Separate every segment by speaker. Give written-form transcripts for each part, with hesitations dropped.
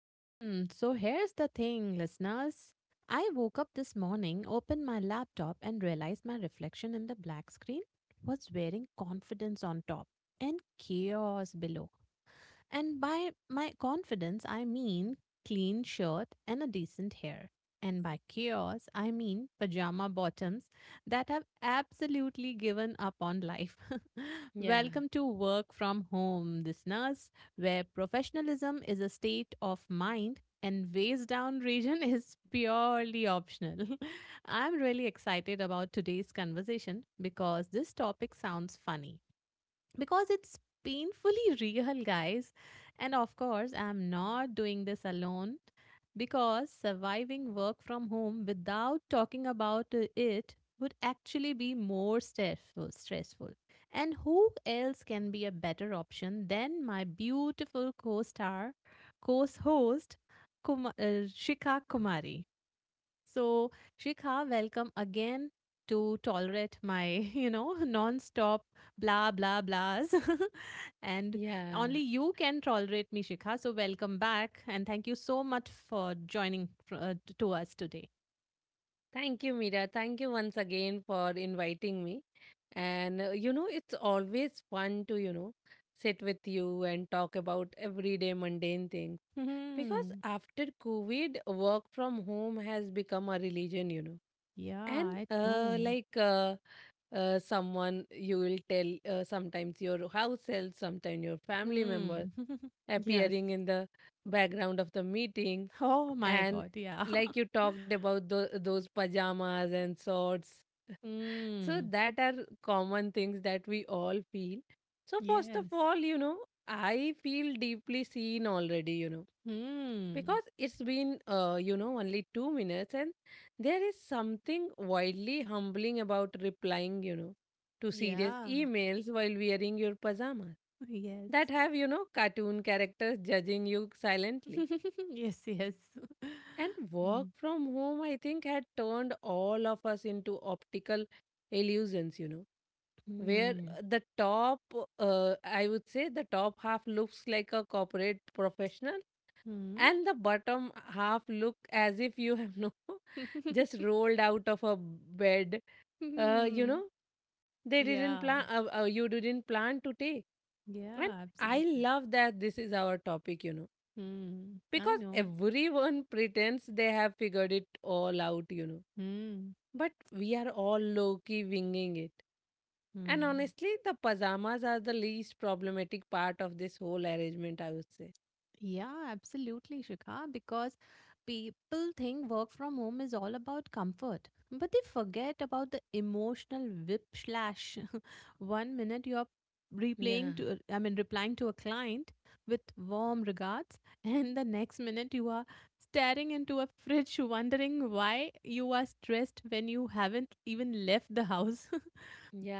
Speaker 1: So here's the thing, listeners. I woke up this morning, opened my laptop, and realized my reflection in the black screen was wearing confidence on top and chaos below. And by my confidence, I mean clean shirt and a decent hair. And by chaos, I mean pajama bottoms that have absolutely given up on life.
Speaker 2: Yeah,
Speaker 1: Welcome to Work From Home, listeners, where professionalism is a state of mind and waist down region is purely optional. I'm really excited about today's conversation because this topic sounds funny because it's painfully real, guys. And of course, I'm not doing this alone because surviving work from home without talking about it would actually be more stressful and who else can be a better option than my beautiful co-star co-host Shika Kumari. So, Shikha, welcome again to tolerate my non-stop blah blah blahs. And
Speaker 2: yeah.
Speaker 1: only you can tolerate me, Shikha. So, welcome back and thank you so much for joining to us today.
Speaker 2: Thank you, Mira. Thank you once again for inviting me. And it's always fun to, sit with you and talk about everyday mundane things because
Speaker 1: Hmm.
Speaker 2: after COVID, work from home has become a religion.
Speaker 1: Yeah,
Speaker 2: And
Speaker 1: I know.
Speaker 2: someone you will tell, sometimes your house help, sometimes your family
Speaker 1: Hmm.
Speaker 2: member
Speaker 1: Yes.
Speaker 2: appearing in the background of the meeting,
Speaker 1: Oh my
Speaker 2: and
Speaker 1: God. Yeah.
Speaker 2: like you talked about those pajamas and shorts, so
Speaker 1: Hmm.
Speaker 2: that are common things that we all feel. So first of
Speaker 1: Yes.
Speaker 2: all, I feel deeply seen already,
Speaker 1: Hmm.
Speaker 2: because it's been only 2 minutes, and there is something wildly humbling about replying, to serious
Speaker 1: Yeah.
Speaker 2: emails while wearing your pajamas that
Speaker 1: Yes.
Speaker 2: have, cartoon characters judging you silently.
Speaker 1: Yes, yes.
Speaker 2: And work
Speaker 1: Mm.
Speaker 2: from home, I think, had turned all of us into optical illusions, you know, where
Speaker 1: Mm.
Speaker 2: the top, I would say, the top half looks like a corporate professional,
Speaker 1: Mm.
Speaker 2: and the bottom half look as if you have no just rolled out of a bed, uh, you
Speaker 1: Mm.
Speaker 2: know, they didn't plan
Speaker 1: Yeah,
Speaker 2: you didn't plan to take, and
Speaker 1: yeah,
Speaker 2: I
Speaker 1: absolutely.
Speaker 2: love that this is our topic,
Speaker 1: Mm. I
Speaker 2: because
Speaker 1: know.
Speaker 2: everyone pretends they have figured it all out, you know.
Speaker 1: Mm.
Speaker 2: But we are all low key winging it. And
Speaker 1: Mm.
Speaker 2: honestly, the pajamas are the least problematic part of this whole arrangement, I would say.
Speaker 1: Yeah, absolutely, Shikha, because people think work from home is all about comfort, but they forget about the emotional whiplash. One minute you're
Speaker 2: Yeah,
Speaker 1: I mean, replying to a client with warm regards, and the next minute you are staring into a fridge wondering why you are stressed when you haven't even left the house.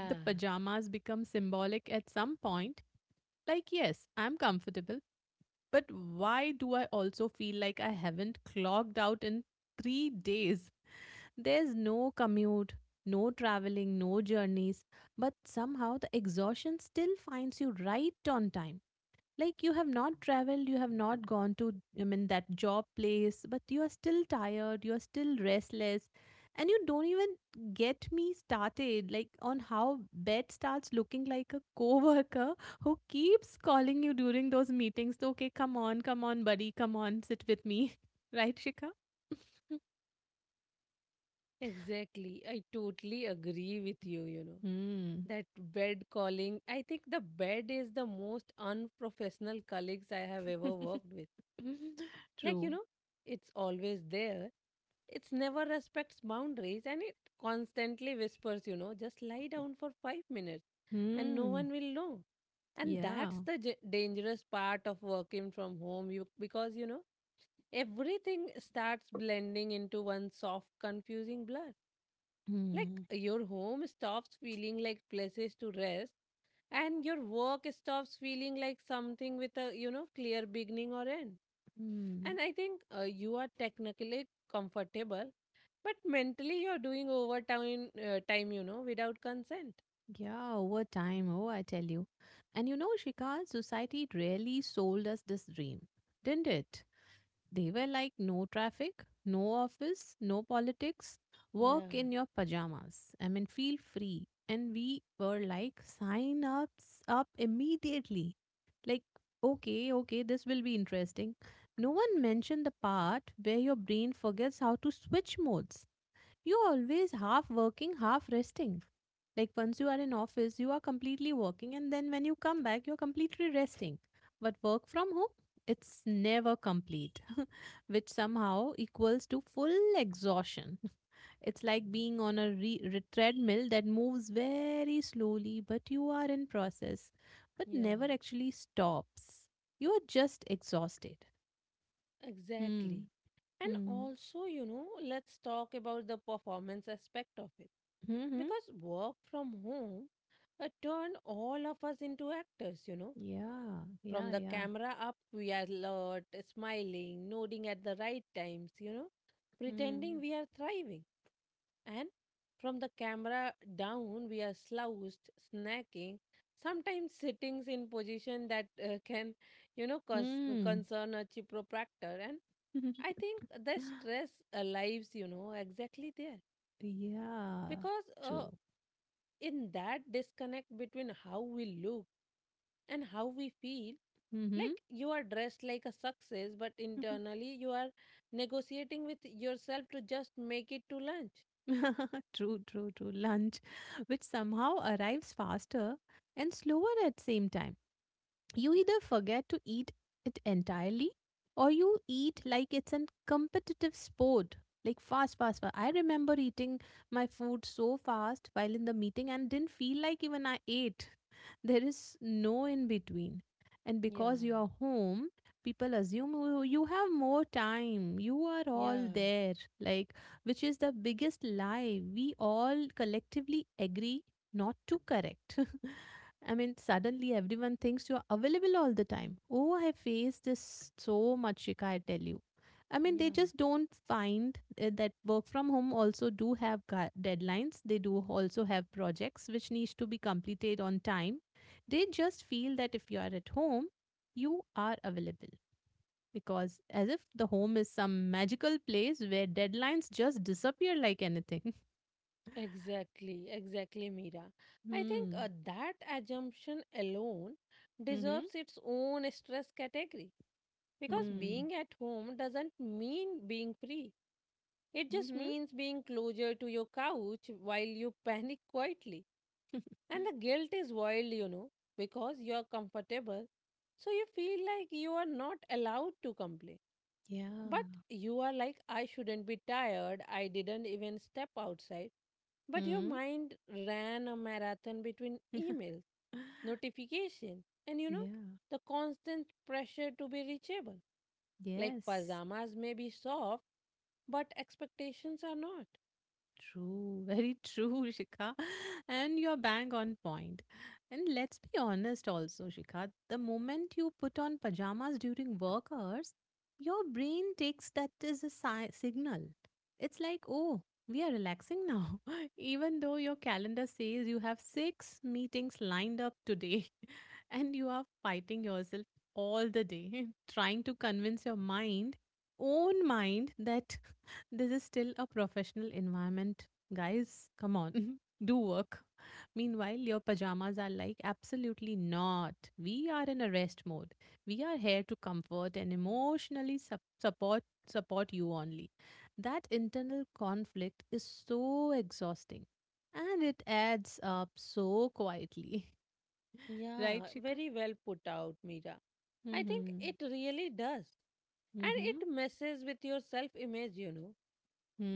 Speaker 1: The pajamas become symbolic at some point. Like, yes, I'm comfortable, but why do I also feel like I haven't clocked out in 3 days? There's no commute, no traveling, no journeys, but somehow the exhaustion still finds you right on time. Like, you have not traveled, you have not gone to, I mean, that job place, but you are still tired, you are still restless. And you don't even get me started, like, on how bed starts looking like a coworker who keeps calling you during those meetings. So, okay, come on, come on, buddy, come on, sit with me, right, Shika?
Speaker 2: exactly. I totally agree with you, you know.
Speaker 1: Hmm.
Speaker 2: That bed calling, I think the bed is the most unprofessional colleagues I have ever worked with. Like, you
Speaker 1: True.
Speaker 2: know, it's always there. It's never respects boundaries, and it constantly whispers, you know, just lie down for 5 minutes and no
Speaker 1: Hmm.
Speaker 2: one will know. And
Speaker 1: Yeah.
Speaker 2: that's the dangerous part of working from home you, because, you know, everything starts blending into one soft, confusing blur. Like
Speaker 1: Hmm.
Speaker 2: your home stops feeling like places to rest, and your work stops feeling like something with a, you know, clear beginning or end. And
Speaker 1: Hmm.
Speaker 2: I think you are technically comfortable, but mentally you're doing overtime, you know, without consent.
Speaker 1: Yeah, over time, oh, I tell you. And you know, Shikar, society really sold us this dream, didn't it? They were like, no traffic, no office, no politics,
Speaker 2: Yeah,
Speaker 1: work in your pajamas. I mean, feel free. And we were like, sign ups up immediately. Like, okay, okay, this will be interesting. No one mentioned the part where your brain forgets how to switch modes. You're always half working, half resting. Like, once you are in office, you are completely working, and then when you come back, you're completely resting. But work from home, it's never complete, which somehow equals to full exhaustion. It's like being on a treadmill that moves very slowly, but you are in process, but
Speaker 2: yeah,
Speaker 1: never actually stops. You are just exhausted. Hmm.
Speaker 2: exactly. And
Speaker 1: Hmm.
Speaker 2: also, you know, let's talk about the performance aspect of it.
Speaker 1: Hmm. Hmm.
Speaker 2: Because work from home turned all of us into actors, you know.
Speaker 1: Yeah.
Speaker 2: From
Speaker 1: Yeah.
Speaker 2: the
Speaker 1: Yeah.
Speaker 2: camera up, we are alert, smiling, nodding at the right times, you know, pretending
Speaker 1: Hmm.
Speaker 2: we are thriving. And from the camera down, we are slouched, snacking, sometimes sittings in position that can, you know,
Speaker 1: Mm.
Speaker 2: concern a chiropractor. And I think the stress lives, you know, exactly there.
Speaker 1: Yeah,
Speaker 2: Because
Speaker 1: true.
Speaker 2: in that disconnect between how we look and how we feel,
Speaker 1: Mm-hmm.
Speaker 2: like you are dressed like a success, but internally you are negotiating with yourself to just make it to lunch.
Speaker 1: True, true, true. Lunch, which somehow arrives faster and slower at same time. You either forget to eat it entirely or you eat like it's a competitive sport. Like, fast, fast, fast. I remember eating my food so fast while in the meeting and didn't feel like even I ate. There is no in between. And
Speaker 2: Yeah,
Speaker 1: because you are home, people assume, "Oh, you have more time. You are all
Speaker 2: yeah.
Speaker 1: there, like," which is the biggest lie we all collectively agree not to correct. I mean, suddenly everyone thinks you are available all the time. Oh, I face this so much, Shika, I tell you. I mean, they
Speaker 2: Yeah,
Speaker 1: just don't find that work from home also do have deadlines. They do also have projects which needs to be completed on time. They just feel that if you are at home, you are available. Because as if the home is some magical place where deadlines just disappear like anything.
Speaker 2: exactly, exactly, Mira. I think
Speaker 1: Hmm.
Speaker 2: that assumption alone
Speaker 1: Mm-hmm.
Speaker 2: deserves its own stress category, because
Speaker 1: Hmm.
Speaker 2: being at home doesn't mean being free. It just means being closer to your couch while you panic quietly.
Speaker 1: Mm-hmm.
Speaker 2: And the guilt is wild, you know, because you're comfortable. So you feel like you are not allowed to complain.
Speaker 1: Yeah.
Speaker 2: But you are like, I shouldn't be tired. I didn't even step outside. But your
Speaker 1: Hmm.
Speaker 2: mind ran a marathon between emails, notification, and, you know,
Speaker 1: Yeah.
Speaker 2: the constant pressure to be reachable. Like
Speaker 1: Yes.
Speaker 2: pajamas may be soft, but expectations are not.
Speaker 1: True, very true, Shikha. And you're bang on point. And let's be honest also, Shikha, the moment you put on pajamas during work hours, your brain takes that as a signal. It's like, oh, we are relaxing now, even though your calendar says you have six meetings lined up today and you are fighting yourself all the day, trying to convince your mind, own mind, that this is still a professional environment. Guys, come on, do work. Meanwhile, your pajamas are like, absolutely not. We are in a rest mode. We are here to comfort and emotionally support you only. That internal conflict is so exhausting and it adds up so quietly. Right,
Speaker 2: Yeah,
Speaker 1: Shika?
Speaker 2: very well put out, Mira. I think
Speaker 1: Mm-hmm.
Speaker 2: it really does. And it
Speaker 1: Mm-hmm.
Speaker 2: messes with your self image, you know.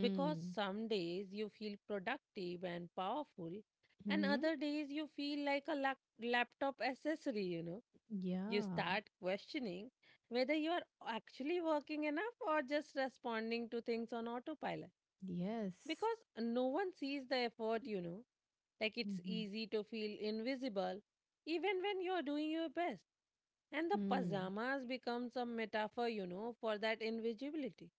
Speaker 2: Because some days you feel productive and powerful, and
Speaker 1: Mm-hmm.
Speaker 2: other days you feel like a laptop accessory, you know. You
Speaker 1: Yeah.
Speaker 2: start questioning whether you are actually working enough or just responding to things on autopilot.
Speaker 1: Yes.
Speaker 2: Because no one sees the effort, you know. Like it's
Speaker 1: Mm-hmm.
Speaker 2: easy to feel invisible even when you're doing your best. And the
Speaker 1: Mm.
Speaker 2: pajamas becomes a metaphor, you know, for that invisibility,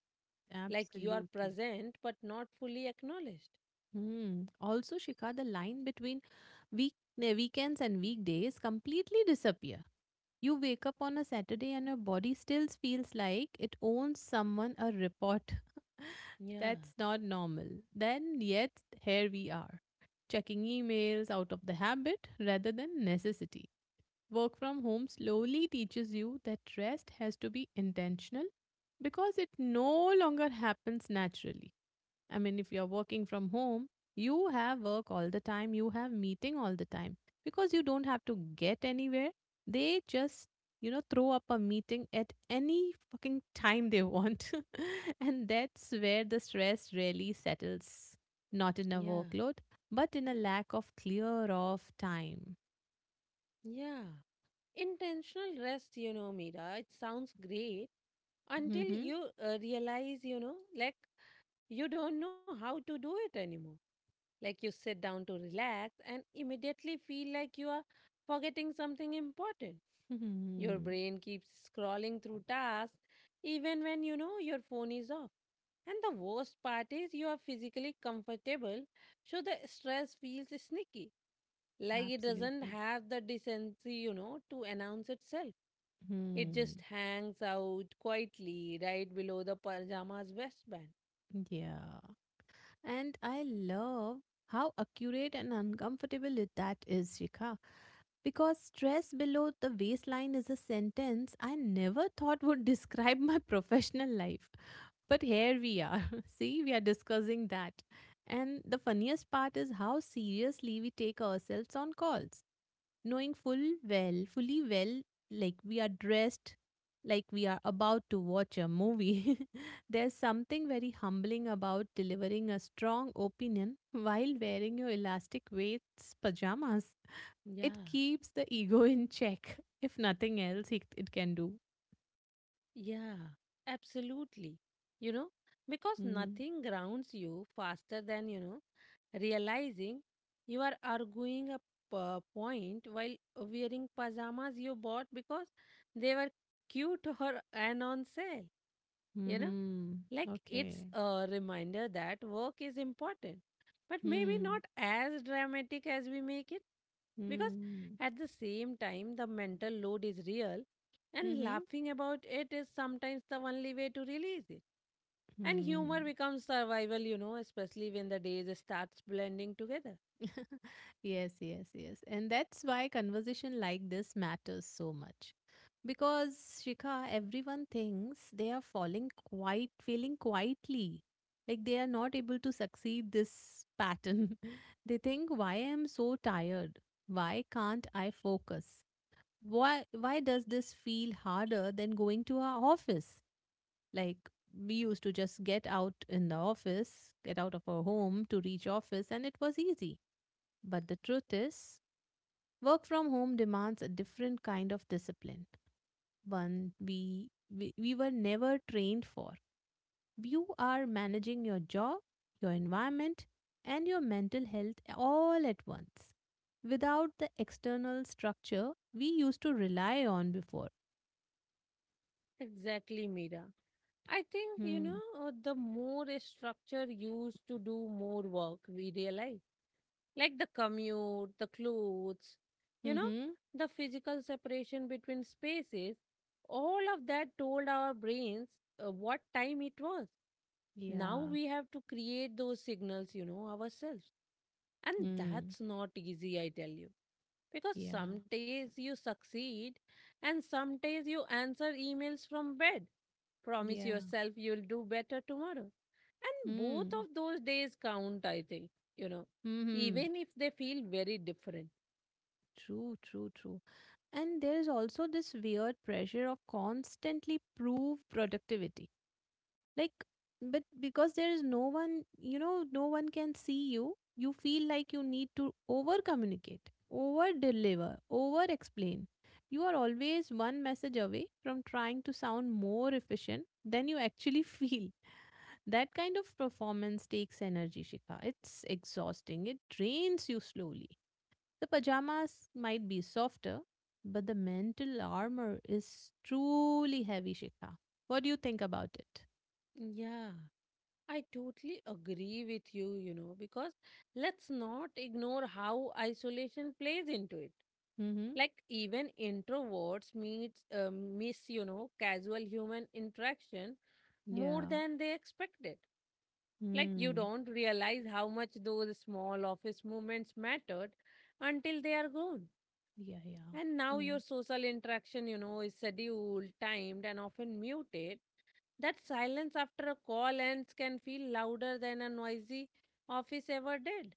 Speaker 2: like you are
Speaker 1: Absolutely.
Speaker 2: present but not fully acknowledged.
Speaker 1: Hmm. Also, Shika, the line between weekends and weekdays completely disappear. You wake up on a Saturday and your body still feels like it owns someone a report.
Speaker 2: Yeah,
Speaker 1: That's not normal. Then yet here we are, checking emails out of the habit rather than necessity. Work from home slowly teaches you that rest has to be intentional because it no longer happens naturally. I mean, if you're working from home, you have work all the time, you have meeting all the time because you don't have to get anywhere. They just throw up a meeting at any fucking time they want. And that's where the stress really settles, not in a
Speaker 2: yeah,
Speaker 1: workload, but in a lack of clear off time.
Speaker 2: yeah. Intentional rest, you know, Mira, it sounds great until
Speaker 1: Hmm.
Speaker 2: you realize, you know, like you don't know how to do it anymore. Like you sit down to relax and immediately feel like you are forgetting something important. Your brain keeps scrolling through tasks even when you know your phone is off. And the worst part is you are physically comfortable, so the stress feels sneaky. Like it doesn't
Speaker 1: Absolutely.
Speaker 2: have the decency, you know, to announce itself. It just
Speaker 1: Hmm.
Speaker 2: hangs out quietly right below the pajama's waistband.
Speaker 1: Yeah. And I love how accurate and uncomfortable that is, Shikha. Because stress below the waistline is a sentence I never thought would describe my professional life. But here we are. See, we are discussing that. And the funniest part is how seriously we take ourselves on calls knowing fully well, like we are dressed like we are about to watch a movie. There's something very humbling about delivering a strong opinion while wearing your elastic weights pajamas. It
Speaker 2: Yeah.
Speaker 1: keeps the ego in check. If nothing else, it can do.
Speaker 2: Yeah, absolutely. You know, because
Speaker 1: Mm.
Speaker 2: nothing grounds you faster than, you know, realizing you are arguing a point while wearing pajamas you bought because they were cute or and on sale. You know,
Speaker 1: Mm-hmm.
Speaker 2: like it's
Speaker 1: Okay.
Speaker 2: a reminder that work is important, but maybe
Speaker 1: Mm.
Speaker 2: not as dramatic as we make it. Because
Speaker 1: Mm.
Speaker 2: at the same time, the mental load is real, and
Speaker 1: Mm-hmm.
Speaker 2: laughing about it is sometimes the only way to release it. And humor
Speaker 1: Mm.
Speaker 2: becomes survival, you know, especially when the days starts blending together.
Speaker 1: Yes, yes, yes. And that's why conversation like this matters so much. Because, Shikha, everyone thinks they are falling quite failing quietly. Like, they are not able to succeed this pattern. They think, why I am so tired? Why can't I focus? Why does this feel harder than going to our office? Like, we used to just get out in the office, get out of our home to reach office and it was easy, but the truth is, work from home demands a different kind of discipline, one we were never trained for. You are managing your job, your environment, and your mental health all at once without the external structure we used to rely on before.
Speaker 2: Exactly, Mira. I think, you know,
Speaker 1: Hmm.
Speaker 2: the more a structure used to do more work, we realize. Like the commute, the clothes, you know,
Speaker 1: Mm-hmm.
Speaker 2: the physical separation between spaces, all of that told our brains what time it was. Now
Speaker 1: Yeah.
Speaker 2: we have to create those signals, you know, ourselves. And
Speaker 1: Hmm.
Speaker 2: that's not easy, I tell you. Because
Speaker 1: Yeah.
Speaker 2: some days you succeed, and some days you answer emails from bed, promise
Speaker 1: Yeah.
Speaker 2: yourself you'll do better tomorrow, and both
Speaker 1: Hmm.
Speaker 2: of those days count, I think, you know,
Speaker 1: Mm-hmm.
Speaker 2: even if they feel very different.
Speaker 1: True, true, true. And there is also this weird pressure of constantly prove productivity. Like, but because there is no one, no one can see you, you feel like you need to over communicate, over deliver, over explain. You are always one message away from trying to sound more efficient than you actually feel. That kind of performance takes energy, Shikha. It's exhausting, it drains you slowly. The pajamas might be softer, but the mental armor is truly heavy, Shikha. What do you think about it?
Speaker 2: Yeah, I totally agree with you, you know, because let's not ignore how isolation plays into it.
Speaker 1: Mm-hmm.
Speaker 2: Like even introverts meets miss, you know, casual human interaction more
Speaker 1: Yeah.
Speaker 2: than they expected. Like you
Speaker 1: Mm.
Speaker 2: don't realize how much those small office moments mattered until they are gone.
Speaker 1: Yeah, yeah.
Speaker 2: And now your
Speaker 1: Mm.
Speaker 2: social interaction, you know, is scheduled, timed, and often muted. That silence after a call ends can feel louder than a noisy office ever did.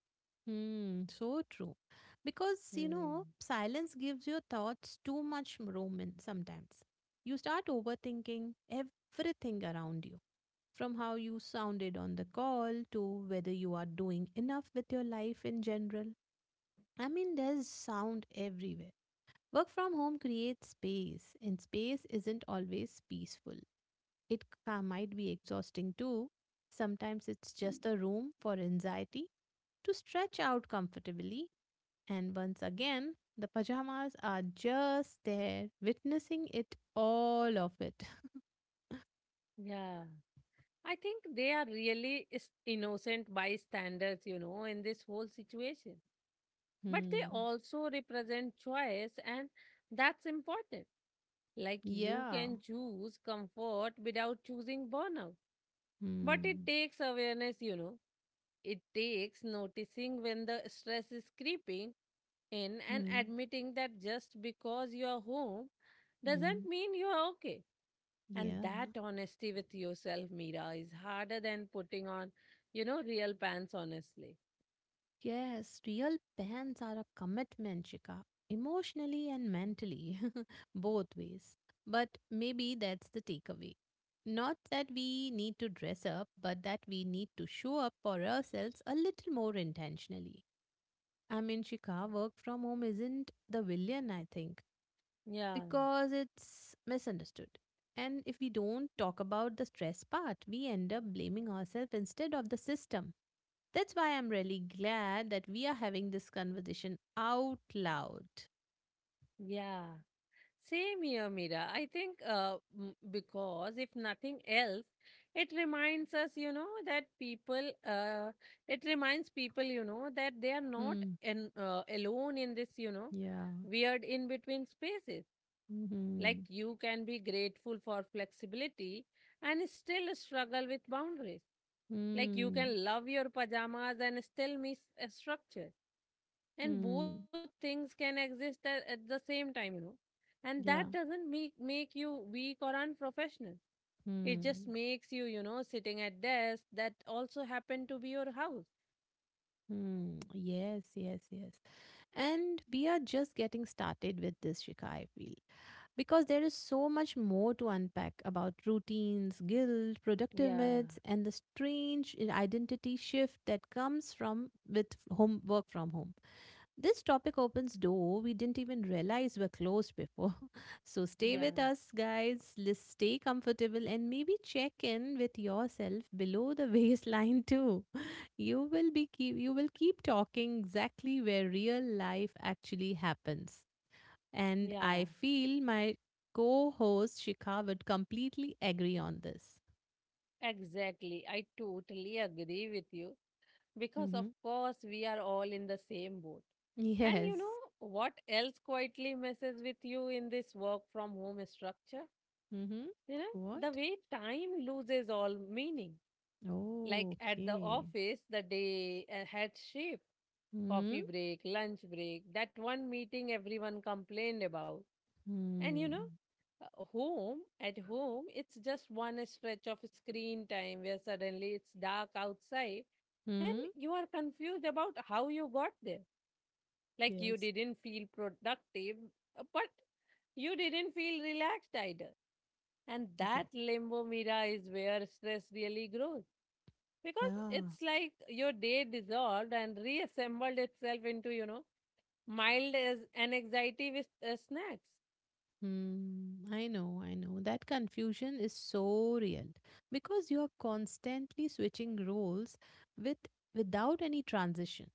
Speaker 1: Mm. So true. Because, you
Speaker 2: Hmm.
Speaker 1: know, silence gives your thoughts too much room in sometimes. You start overthinking everything around you, from how you sounded on the call to whether you are doing enough with your life in general. I mean, there's sound everywhere. Work from home creates space, and space isn't always peaceful. It might be exhausting too. Sometimes it's just a room for anxiety to stretch out comfortably. And once again, the pajamas are just there, witnessing it all of it.
Speaker 2: Yeah. I think they are really innocent bystanders, you know, in this whole situation. But they
Speaker 1: Hmm.
Speaker 2: also represent choice, and that's important. Like you
Speaker 1: Yeah.
Speaker 2: can choose comfort without choosing burnout. But it
Speaker 1: Hmm.
Speaker 2: takes awareness, you know. It takes noticing when the stress is creeping in and
Speaker 1: Hmm.
Speaker 2: admitting that just because you are home doesn't
Speaker 1: Hmm.
Speaker 2: mean you are okay. And
Speaker 1: Yeah.
Speaker 2: that honesty with yourself, Mira, is harder than putting on, you know, real pants, honestly.
Speaker 1: Yes, real pans are a commitment, Shika, emotionally and mentally, both ways. But maybe that's the takeaway. Not that we need to dress up, but that we need to show up for ourselves a little more intentionally. I mean, Shika, work from home isn't the villain, I think,
Speaker 2: Yeah,
Speaker 1: because it's misunderstood. And if we don't talk about the stress part, we end up blaming ourselves instead of the system. That's why I'm really glad that we are having this conversation out loud.
Speaker 2: yeah. Same here, Mira. I think because if nothing else, it reminds us, you know, that people, uh, it reminds people, you know, that they are not
Speaker 1: Hmm.
Speaker 2: in, uh, alone in this, you know,
Speaker 1: Yeah.
Speaker 2: weird in between spaces. Like
Speaker 1: Hmm.
Speaker 2: you can be grateful for flexibility and still struggle with boundaries. Like you
Speaker 1: Hmm.
Speaker 2: can love your pajamas and still miss a structure, and both
Speaker 1: Hmm.
Speaker 2: things can exist at the same time, you know. And that
Speaker 1: Yeah.
Speaker 2: doesn't make you weak or unprofessional. It just
Speaker 1: Hmm.
Speaker 2: makes you, you know, sitting at desk that also happen to be your house.
Speaker 1: Hmm. Yes. Yes. Yes. And we are just getting started with this, Shika. I feel because there is so much more to unpack about routines, guilt, productive
Speaker 2: Yeah,
Speaker 1: myths, and the strange identity shift that comes from with home work from home. This topic opens door we didn't even realize were closed before. So stay with
Speaker 2: yeah,
Speaker 1: us, guys. Let's stay comfortable and maybe check in with yourself below the waistline too. You will keep talking exactly where real life actually happens. And
Speaker 2: yeah,
Speaker 1: I feel my co host Shikha would completely agree on this.
Speaker 2: exactly, I totally agree with you, because of
Speaker 1: Mm-hmm.
Speaker 2: course we are all in the same boat. And you know
Speaker 1: Yes.
Speaker 2: what else quietly messes with you in this work from home structure?
Speaker 1: Mm-hmm.
Speaker 2: You know, the
Speaker 1: What?
Speaker 2: way time loses all meaning. Like at the
Speaker 1: Okay.
Speaker 2: office, the day had shape,
Speaker 1: Mm-hmm.
Speaker 2: coffee break, lunch break, that one meeting everyone complained about. And you
Speaker 1: Hmm.
Speaker 2: know, at home, it's just one stretch of screen time where suddenly it's dark outside and
Speaker 1: Hmm.
Speaker 2: you are confused about how you got there. Like you
Speaker 1: Yes.
Speaker 2: didn't feel productive, but you didn't feel relaxed either. And
Speaker 1: Yeah.
Speaker 2: that limbo, Mira, is where stress really grows. Because
Speaker 1: Yeah.
Speaker 2: it's like your day dissolved and reassembled itself into, you know, mild as an anxiety with snacks.
Speaker 1: Hmm, I know, I know. That confusion is so real because you're constantly switching roles with without any transition.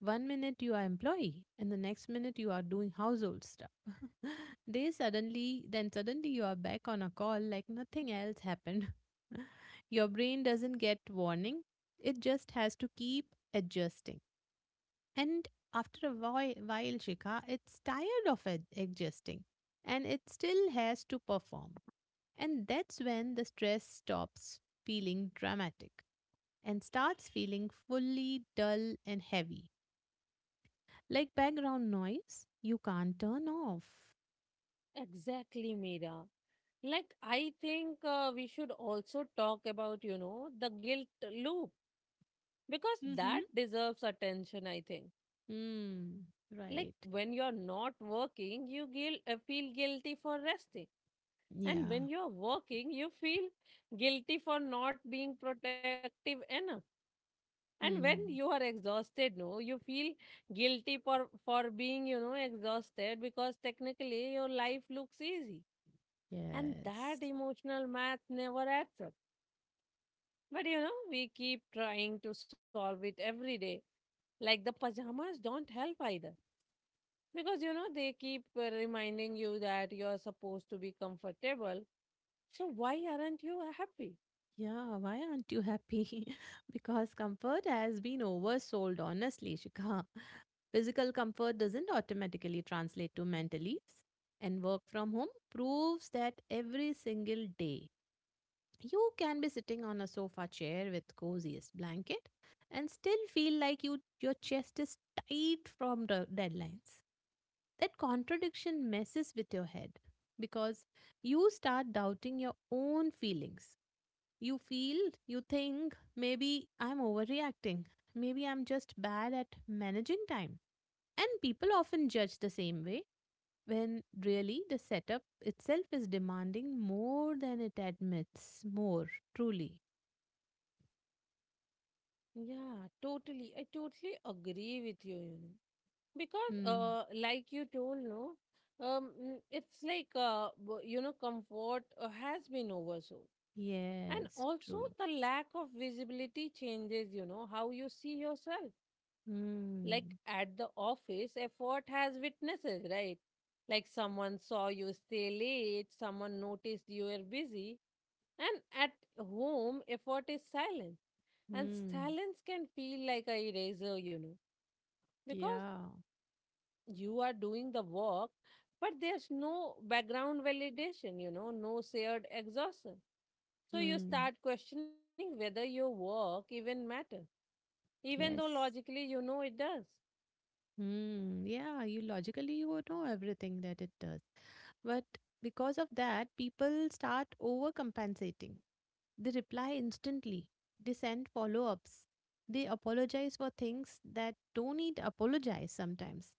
Speaker 1: One minute you are employee and the next minute you are doing household stuff. they suddenly then suddenly you are back on a call like nothing else happened. Your brain doesn't get warning. It just has to keep adjusting. And after a while Shikha, it's tired of adjusting and it still has to perform. And that's when the stress stops feeling dramatic and starts feeling fully dull and heavy. Like background noise you can't turn off.
Speaker 2: Exactly, Mira. Like, I think we should also talk about, you know, the guilt loop, because that
Speaker 1: Mm-hmm.
Speaker 2: deserves attention, I think.
Speaker 1: Hmm.
Speaker 2: Like
Speaker 1: Right.
Speaker 2: when you're not working, you feel guilty for resting, and
Speaker 1: Yeah.
Speaker 2: when you're working, you feel guilty for not being protective enough. And when you
Speaker 1: Hmm.
Speaker 2: are exhausted, no, you feel guilty for being, you know, exhausted, because technically your life looks easy. And
Speaker 1: Yes.
Speaker 2: that emotional math never adds up, but you know, we keep trying to solve it every day. Like the pajamas don't help either. Because you know, they keep reminding you that you're supposed to be comfortable. So why aren't you happy?
Speaker 1: Yeah. Why aren't you happy? Because comfort has been oversold, honestly, Shikha. Physical comfort doesn't automatically translate to mental ease. And work from home proves that every single day. You can be sitting on a sofa chair with coziest blanket and still feel like you your chest is tight from the deadlines. That contradiction messes with your head because you start doubting your own feelings. You feel, you think, maybe I'm overreacting. Maybe I'm just bad at managing time. And people often judge the same way when really the setup itself is demanding more than it admits, more truly.
Speaker 2: Yeah, totally. I totally agree with you, you know. Because
Speaker 1: Hmm.
Speaker 2: like you told, no, it's like you know, comfort has been oversold. And
Speaker 1: Yes,
Speaker 2: also
Speaker 1: true.
Speaker 2: the lack of visibility changes, you know, how you see yourself. Like
Speaker 1: Hmm.
Speaker 2: at the office effort has witnesses, right? Like someone saw you stay late, someone noticed you were busy. And at home effort is silent. And
Speaker 1: Hmm.
Speaker 2: silence can feel like a eraser, you know, because
Speaker 1: Yeah.
Speaker 2: you are doing the work, but there's no background validation, no shared exhaustion. So you
Speaker 1: Hmm.
Speaker 2: start questioning whether your work even matters, even though
Speaker 1: Yes.
Speaker 2: logically you know it does.
Speaker 1: Hmm. Yeah, you logically you know everything that it does. But because of that, people start overcompensating. They reply instantly. They send follow ups. They apologize for things that don't need apologize sometimes.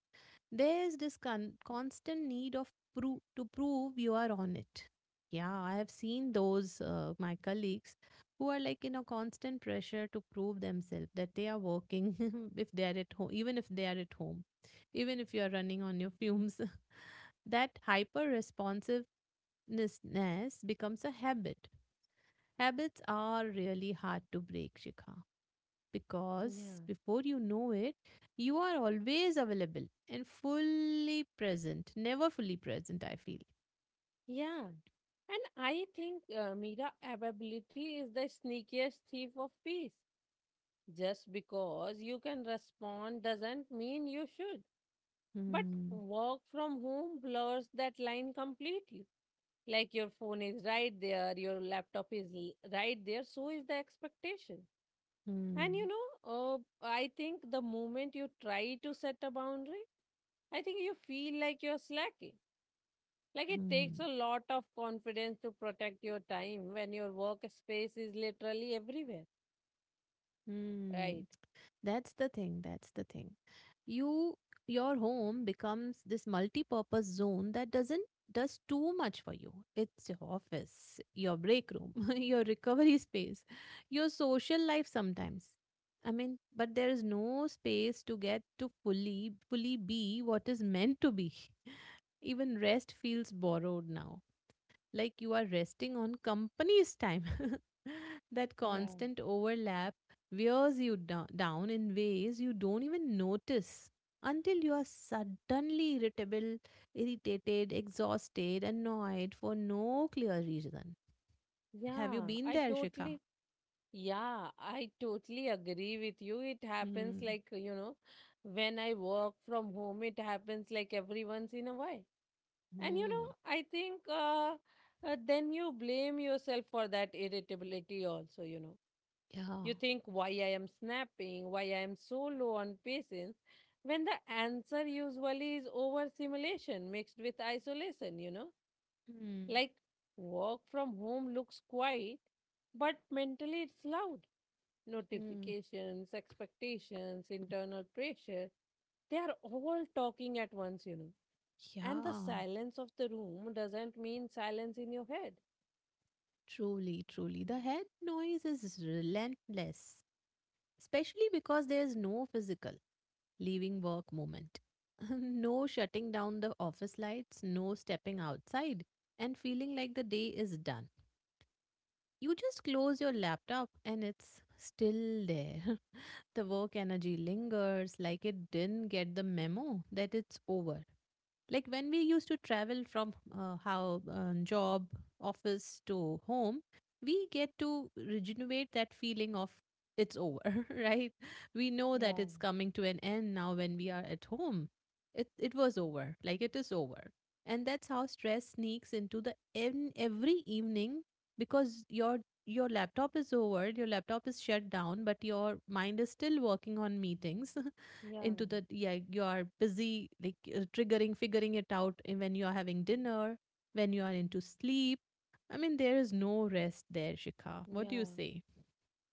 Speaker 1: There is this constant need of to prove you are on it. Yeah, I have seen those my colleagues who are like in a constant pressure to prove themselves that they are working if they are at home, even if they are at home, even if you are running on your fumes. That hyper responsiveness becomes a habit. Habits are really hard to break, Shikha
Speaker 2: yeah
Speaker 1: because before you know it, you are always available and fully present. Never fully present, I feel.
Speaker 2: yeah And I think Mira, availability is the sneakiest thief of peace. Just because you can respond doesn't mean you should. But
Speaker 1: Hmm.
Speaker 2: work from home blurs that line completely. Like your phone is right there, your laptop is right there, so is the expectation. And
Speaker 1: Hmm.
Speaker 2: I think the moment you try to set a boundary, I think you feel like you're slacking. Like it
Speaker 1: Hmm.
Speaker 2: takes a lot of confidence to protect your time when your workspace is literally everywhere.
Speaker 1: Hmm.
Speaker 2: Right?
Speaker 1: That's the thing. That's the thing. You your home becomes this multi-purpose zone that doesn't does too much for you. It's your office, your break room, your recovery space, your social life sometimes. I mean, but there is no space to get to fully be what is meant to be. Even rest feels borrowed now like you are resting on company's time. That
Speaker 2: Yeah,
Speaker 1: constant overlap wears you down in ways you don't even notice until you are suddenly irritable, irritated, exhausted, annoyed for no clear reason. Have you
Speaker 2: yeah,
Speaker 1: been
Speaker 2: I
Speaker 1: there, Shikha?
Speaker 2: totally, yeah, I totally agree with you. It happens,
Speaker 1: Hmm.
Speaker 2: like, you know, when I work from home, it happens like every once in a while. And, you know,
Speaker 1: Hmm.
Speaker 2: I think then you blame yourself for that irritability also, you know.
Speaker 1: Yeah.
Speaker 2: You think why I am snapping, why I am so low on patience, when the answer usually is overstimulation mixed with isolation, you know?
Speaker 1: Hmm.
Speaker 2: Like work from home looks quiet, but mentally it's loud.
Speaker 1: Hmm.
Speaker 2: Notifications, expectations, internal pressure, they are all talking at once, you know. And the
Speaker 1: Yeah.
Speaker 2: silence of the room doesn't mean silence in your head.
Speaker 1: Truly, truly. The head noise is relentless, especially because there is no physical leaving work moment. No shutting down the office lights, no stepping outside and feeling like the day is done. You just close your laptop and it's still there. The work energy lingers like it didn't get the memo that it's over, like when we used to travel from how job office to home, we get to regenerate that feeling of it's over, right? We know that
Speaker 2: Yeah,
Speaker 1: it's coming to an end. Now when we are at home, it was over like it is over. And that's how stress sneaks into the in every evening because your laptop is over, your laptop is shut down, but your mind is still working on meetings.
Speaker 2: yeah,
Speaker 1: Into that, yeah, you are busy like triggering figuring it out when you are having dinner, when you are into sleep. I mean, there is no rest there, Shikha. What do you
Speaker 2: yeah.
Speaker 1: say?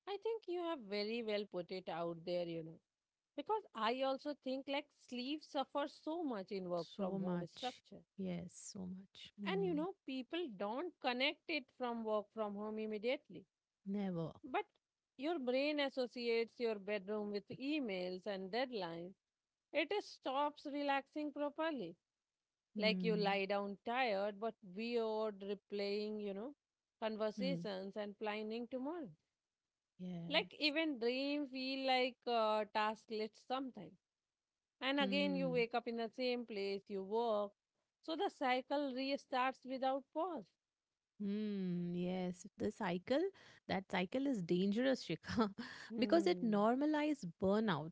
Speaker 2: I think you have very well put it out there, you know. Because I also think like sleep suffers so much in work from
Speaker 1: So
Speaker 2: home
Speaker 1: much.
Speaker 2: structure.
Speaker 1: Yes, so much.
Speaker 2: And you
Speaker 1: Hmm.
Speaker 2: know, people don't connect it from work from home immediately.
Speaker 1: Never.
Speaker 2: But your brain associates your bedroom with emails and deadlines. It stops relaxing properly. Like you
Speaker 1: Hmm.
Speaker 2: lie down tired but weird, replaying, you know,
Speaker 1: Hmm.
Speaker 2: conversations and planning tomorrow. Like
Speaker 1: Yes.
Speaker 2: even dream feel like task list sometimes. And again, you
Speaker 1: Hmm.
Speaker 2: wake up in the same place, you work, so the cycle restarts without pause.
Speaker 1: Hmm. Yes, the cycle, that cycle is dangerous, Shikha, because it
Speaker 2: Hmm.
Speaker 1: normalizes burnout.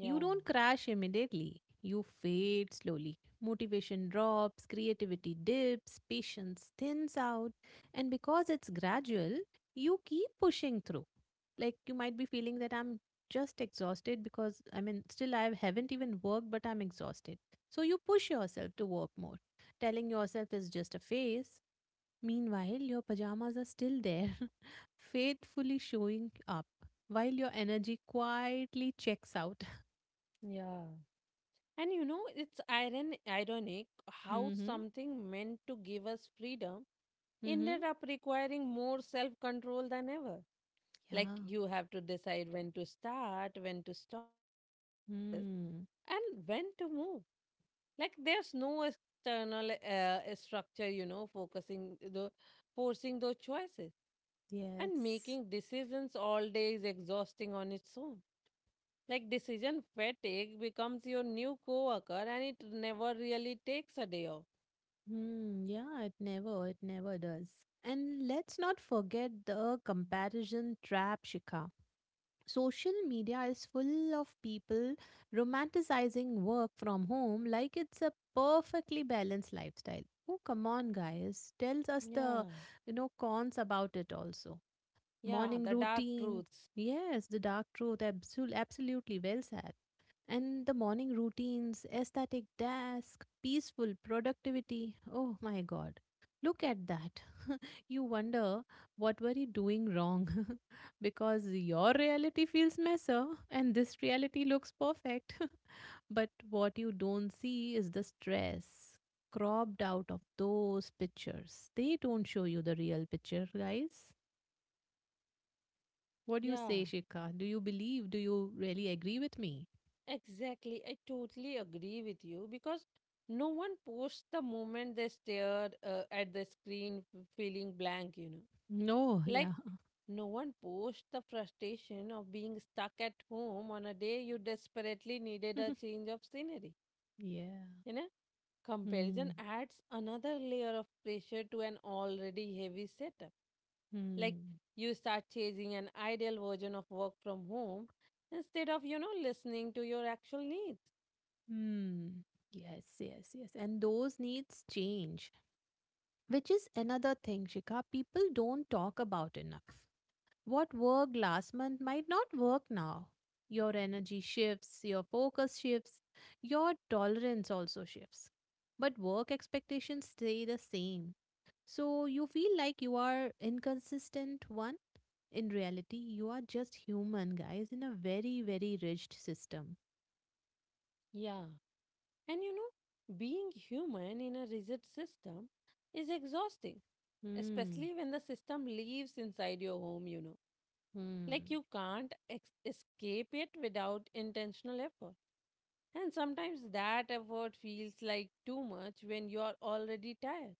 Speaker 1: You don't crash immediately. You fade slowly. Motivation drops, creativity dips, patience thins out. And because it's gradual, you keep pushing through. Like you might be feeling that I'm just exhausted because I mean, still I haven't even worked, but I'm exhausted. So you push yourself to work more, telling yourself it's just a phase. Meanwhile, your pajamas are still there, faithfully showing up while your energy quietly checks out.
Speaker 2: Yeah. And you know, it's ironic how
Speaker 1: Mhm.
Speaker 2: something meant to give us freedom
Speaker 1: Mhm.
Speaker 2: ended up requiring more self control than ever. Like
Speaker 1: Yeah.
Speaker 2: you have to decide when to start, when to stop, when to rest,
Speaker 1: Mm.
Speaker 2: and when to move. Like there's no external structure, you know, focusing the forcing those choices. And
Speaker 1: Yes.
Speaker 2: making decisions all day is exhausting on its own. Like decision fatigue becomes your new coworker and it never really takes a day off.
Speaker 1: Mm. Yeah, it never does. And let's not forget the comparison trap, Shika. Social media is full of people romanticizing work from home like it's a perfectly balanced lifestyle. Oh, come on, guys. Tells us the,
Speaker 2: Yeah.
Speaker 1: cons about it also.
Speaker 2: Yeah,
Speaker 1: Morning
Speaker 2: the dark
Speaker 1: routine.
Speaker 2: truths.
Speaker 1: Yes, the dark truth. Absolutely well said. And the morning routines, aesthetic desk, peaceful productivity. Oh my God. Look at that. You wonder what were you doing wrong? Because your reality feels messer, and this reality looks perfect. But what you don't see is the stress cropped out of those pictures. They don't show you the real picture, guys. What do you
Speaker 2: Yeah,
Speaker 1: say, Shikha? Do you believe? Do you really agree with me?
Speaker 2: exactly. I totally agree with you because no one posts the moment they stare at the screen feeling blank, you know.
Speaker 1: No,
Speaker 2: Like
Speaker 1: yeah.
Speaker 2: no one posts the frustration of being stuck at home on a day you desperately needed a change of scenery.
Speaker 1: Yeah.
Speaker 2: You know. Comparison
Speaker 1: Hmm.
Speaker 2: adds another layer of pressure to an already heavy setup. Like
Speaker 1: Hmm.
Speaker 2: you start chasing an ideal version of work from home instead of, you know, listening to your actual needs.
Speaker 1: Hmm. Yes, yes, yes. And those needs change, which is another thing, Shika. People don't talk about enough. What worked last month might not work now. Your energy shifts, your focus shifts, your tolerance also shifts. But work expectations stay the same. So you feel like you are inconsistent one. In reality, you are just human, guys, in a very, very rigid system.
Speaker 2: Yeah. And you know, being human in a rigid system is exhausting,
Speaker 1: Hmm.
Speaker 2: especially when the system lives inside your home, you know. Like
Speaker 1: Hmm.
Speaker 2: you can't escape it without intentional effort. And sometimes that effort feels like too much when you are already tired.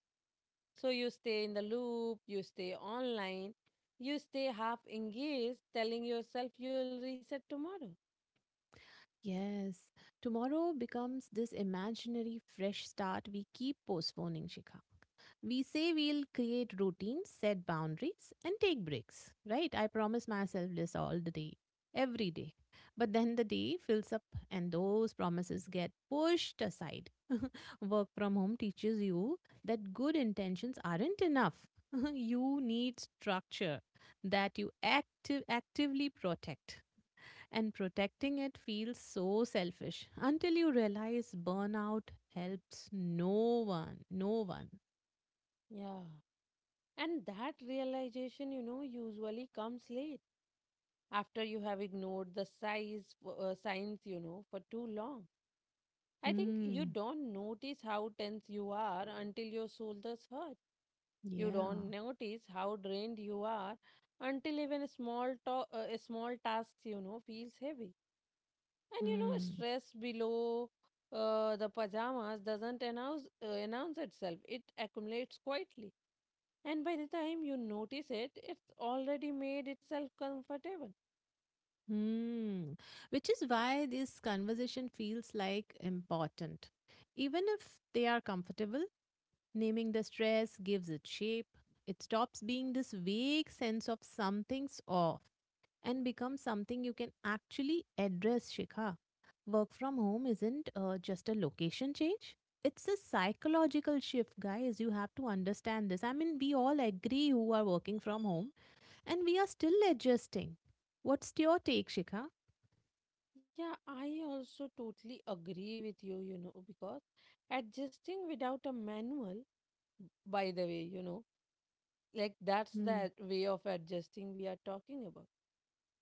Speaker 2: So you stay in the loop, you stay online, you stay half engaged, telling yourself you'll reset tomorrow.
Speaker 1: Yes. Tomorrow becomes this imaginary fresh start we keep postponing, Shikha. We say we'll create routines, set boundaries, and take breaks, right? I promise myself this all the day, every day. But then the day fills up and those promises get pushed aside. Work from home teaches you that good intentions aren't enough. You need structure that you actively protect. And protecting it feels so selfish until you realize burnout helps no one, no one.
Speaker 2: Yeah. And that realization, you know, usually comes late after you have ignored the size signs, you know, for too long. I think you
Speaker 1: Hmm.
Speaker 2: don't notice how tense you are until your shoulders hurt. You
Speaker 1: Yeah.
Speaker 2: don't notice how drained you are until even a small tasks you know feels heavy. And you know
Speaker 1: Hmm.
Speaker 2: stress below the pajamas doesn't announce itself. It accumulates quietly, and by the time you notice it, it's already made itself comfortable.
Speaker 1: Hmm. Which is why this conversation feels like important even if they are comfortable. Naming the stress gives it shape. It stops being this vague sense of something's off and becomes something you can actually address, Shikha. Work from home isn't just a location change. It's a psychological shift, guys. You have to understand this. I mean, we all agree who are working from home and we are still adjusting. What's your take, Shikha?
Speaker 2: Yeah, I also totally agree with you. You know, because adjusting without a manual. By the way, you know, like that's
Speaker 1: Hmm.
Speaker 2: the way of adjusting we are talking about.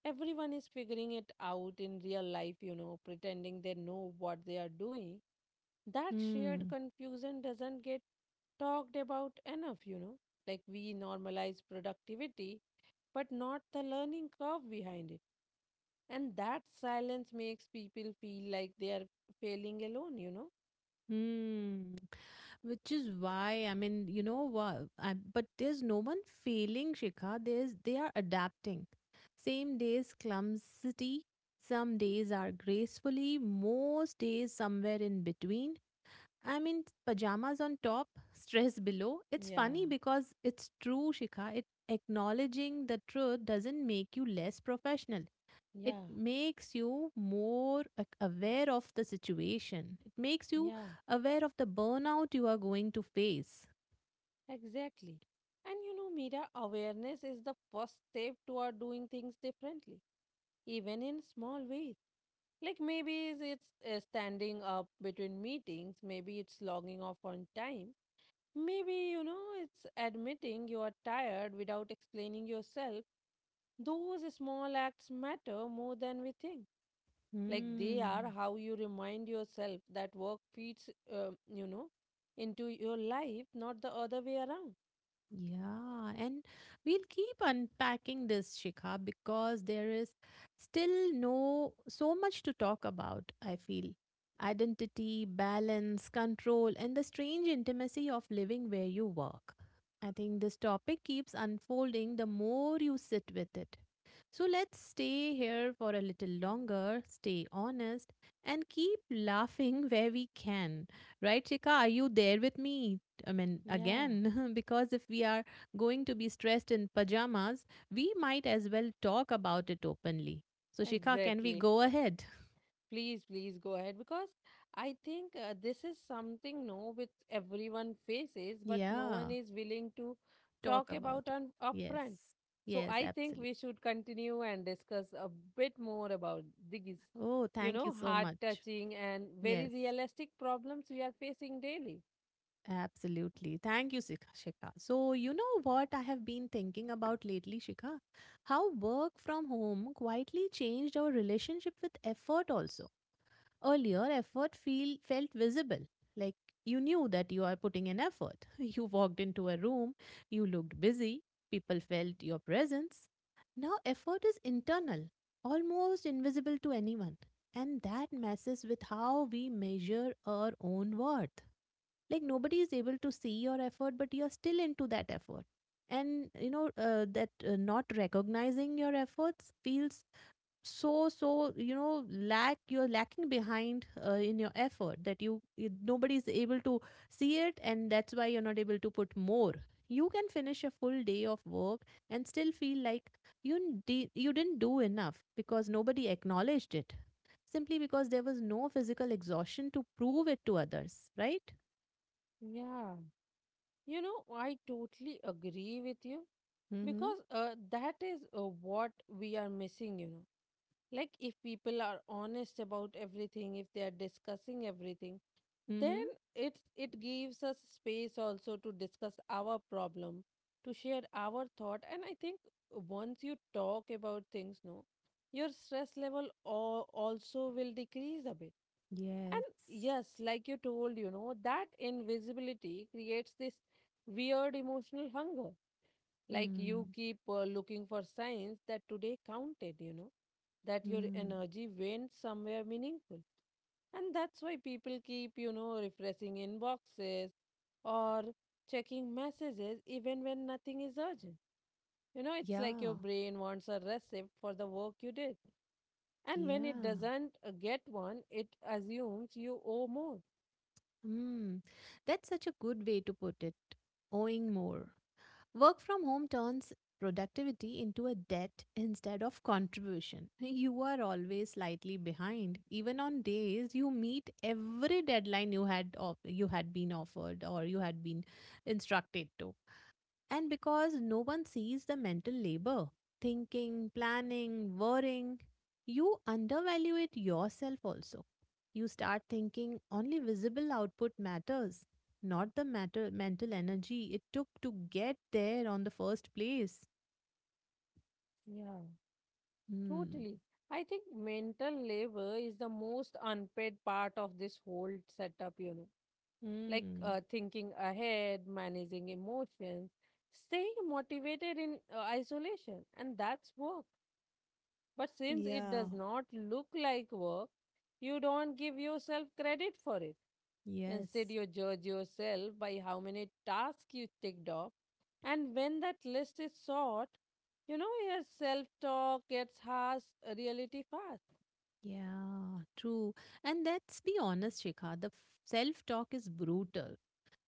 Speaker 2: Everyone is figuring it out in real life, you know, pretending they know what they are doing. That shared
Speaker 1: Hmm.
Speaker 2: confusion doesn't get talked about enough, you know. Like we normalize productivity, but not the learning curve behind it. And that silence makes people feel like they are failing alone, you know.
Speaker 1: Hmm. Which is why, I mean, you know what? I, but there's no one failing, Shikha. There's they are adapting. Same days clumsy, some days are gracefully, most days somewhere in between. I mean, pajamas on top, stress below. It's
Speaker 2: Yeah,
Speaker 1: funny because it's true, Shikha. It acknowledging the truth doesn't make you less professional. It
Speaker 2: yeah,
Speaker 1: makes you more aware of the situation. It makes you
Speaker 2: yeah.
Speaker 1: aware of the burnout you are going to face.
Speaker 2: Exactly. And you know, Mira, awareness is the first step toward doing things differently, even in small ways. Like maybe is it's standing up between meetings, maybe it's logging off on time, maybe, you know, it's admitting you are tired without explaining yourself. Those small acts matter more than we think. Like they are
Speaker 1: Hmm.
Speaker 2: how you remind yourself that work feeds, you know, into your life, not the other way around.
Speaker 1: Yeah, and we'll keep unpacking this, Shikha, because there is still no so much to talk about, I feel. Identity, balance, control, and the strange intimacy of living where you work. I think this topic keeps unfolding the more you sit with it. So let's stay here for a little longer, stay honest, and keep laughing where we can. Right, Shikha? Are you there with me? I mean,
Speaker 2: Yeah.
Speaker 1: again, because if we are going to be stressed in pajamas, we might as well talk about it openly. So, Shikha, can we
Speaker 2: Exactly.
Speaker 1: go ahead?
Speaker 2: Please, please go ahead because I think this is something no which everyone faces, but no
Speaker 1: Yeah,
Speaker 2: one is willing to
Speaker 1: talk
Speaker 2: talk
Speaker 1: about
Speaker 2: about
Speaker 1: it.
Speaker 2: on
Speaker 1: Yes,
Speaker 2: upfront. So
Speaker 1: yes,
Speaker 2: I think
Speaker 1: absolutely.
Speaker 2: we should continue and discuss a bit more about these,
Speaker 1: Oh,
Speaker 2: you
Speaker 1: thank you
Speaker 2: know,
Speaker 1: so
Speaker 2: heart
Speaker 1: much.
Speaker 2: touching and very
Speaker 1: Yes,
Speaker 2: realistic problems we are facing daily.
Speaker 1: absolutely. Thank you, Shikha. Shikha. So, you know what I have been thinking about lately, Shikha? How work from home quietly changed our relationship with effort, also. Earlier, felt visible. Like you knew that you are putting in effort. You walked into a room, you looked busy, people felt your presence. Now, effort is internal, almost invisible to anyone. And that messes with how we measure our own worth. Like nobody is able to see your effort, but you're still into that effort. And you know, that not recognizing your efforts feels so so you know lack you're lacking behind in your effort that you nobody is able to see it and that's why you're not able to put more. You can finish a full day of work and still feel like you didn't do enough because nobody acknowledged it, simply because there was no physical exhaustion to prove it to others, right?
Speaker 2: Yeah. You know, I totally agree with you
Speaker 1: Mm-hmm.
Speaker 2: because that is what we are missing, you know. Like if people are honest about everything, if they are discussing everything, then
Speaker 1: Mm-hmm.
Speaker 2: it gives us space also to discuss our problem, to share our thought. And I think once you talk about things no your stress level also will decrease a bit. And
Speaker 1: Yes.
Speaker 2: yes, like you told, you know, that invisibility creates this weird emotional hunger. Like you
Speaker 1: Hmm.
Speaker 2: keep looking for signs that today counted, you know, that your
Speaker 1: Hmm.
Speaker 2: energy went somewhere meaningful. And that's why people keep, you know, refreshing inboxes or checking messages even when nothing is urgent. You know, it's like your
Speaker 1: Yeah.
Speaker 2: brain wants a receipt for the work you did. And when it
Speaker 1: Yeah.
Speaker 2: doesn't get one, it assumes you owe more.
Speaker 1: Mm, that's such a good way to put it. Owing more. Work from home turns productivity into a debt instead of contribution. You are always slightly behind, even on days you meet every deadline you you had been offered or you had been instructed to. And because no one sees the mental labor, thinking, planning, worrying, you undervalue it yourself also. You start thinking only visible output matters, not mental energy it took to get there on the first place.
Speaker 2: Yeah.
Speaker 1: Hmm.
Speaker 2: Totally. I think mental labor is the most unpaid part of this whole setup, you know, like
Speaker 1: Hmm.
Speaker 2: thinking ahead, managing emotions, staying motivated in isolation. And that's work. But since it
Speaker 1: Yeah.
Speaker 2: does not look like work, you don't give yourself credit for it. Instead,
Speaker 1: Yes.
Speaker 2: you judge yourself by how many tasks you ticked off. And when that list is short, you know, your self talk gets harsh, reality fast.
Speaker 1: Yeah, true. And let's be honest, Shikha, the self talk is brutal.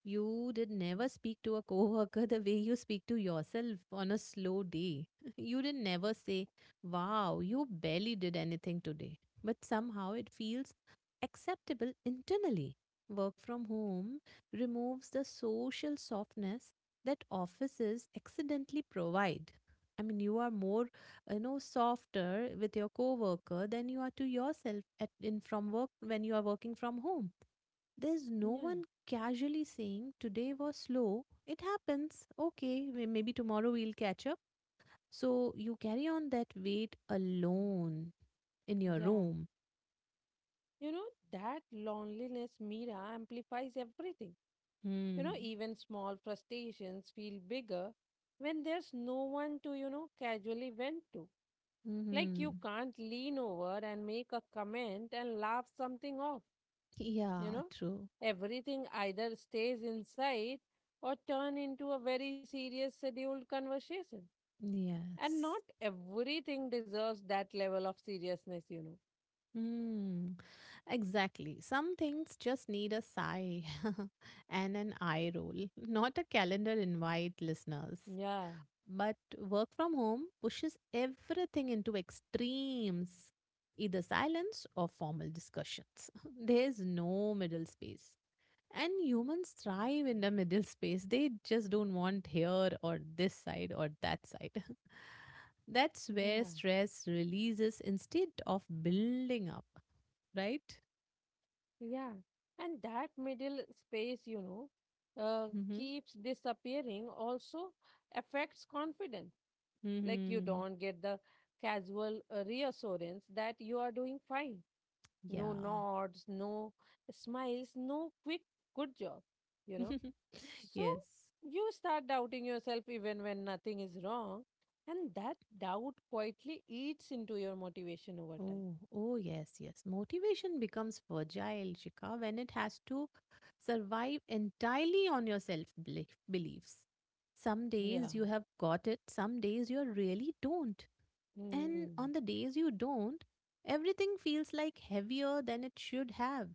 Speaker 1: You did never speak to a coworker the way you speak to yourself on a slow day. You did never say, wow, you barely did anything today. But somehow it feels acceptable internally. Work from home removes the social softness that offices accidentally provide. I mean, you are more, softer with your coworker than you are to yourself at in from work when you are working from home. There's no
Speaker 2: Yeah.
Speaker 1: one casually saying today was slow. It happens. Okay, maybe tomorrow we'll catch up. So you carry on that weight alone in your
Speaker 2: Yeah.
Speaker 1: room.
Speaker 2: You know, that loneliness, Mira, amplifies everything. You know,
Speaker 1: Hmm.
Speaker 2: even small frustrations feel bigger when there's no one to, you know, casually vent to. Like
Speaker 1: Mm-hmm.
Speaker 2: you can't lean over and make a comment and laugh something off, you
Speaker 1: Yeah,
Speaker 2: know?
Speaker 1: true.
Speaker 2: Everything either stays inside or turn into a very serious scheduled conversation. And
Speaker 1: Yes.
Speaker 2: not everything deserves that level of seriousness, you know.
Speaker 1: Hmm. Exactly. Some things just need a sigh and an eye roll, not a calendar invite, listeners.
Speaker 2: Yeah.
Speaker 1: But work from home pushes everything into extremes, either silence or formal discussions. There's no middle space. And humans thrive in the middle space. They just don't want here or this side or that side. That's where
Speaker 2: Yeah.
Speaker 1: stress releases instead of building up, right?
Speaker 2: Yeah, and that middle space, you know, uh,
Speaker 1: Mm-hmm.
Speaker 2: keeps disappearing, also affects confidence. Like you
Speaker 1: Mm-hmm.
Speaker 2: don't get the casual reassurance that you are doing fine. No
Speaker 1: Yeah.
Speaker 2: nods, no smiles, no quick good job, you know. So
Speaker 1: Yes.
Speaker 2: you start doubting yourself even when nothing is wrong, and that doubt quietly eats into your motivation over time.
Speaker 1: Oh, oh, yes, yes. Motivation becomes fragile, Shikha, when it has to survive entirely on your beliefs. Some
Speaker 2: Yeah.
Speaker 1: days you have got it, some days you really don't. And
Speaker 2: Mm.
Speaker 1: on the days you don't, everything feels like heavier than it should have.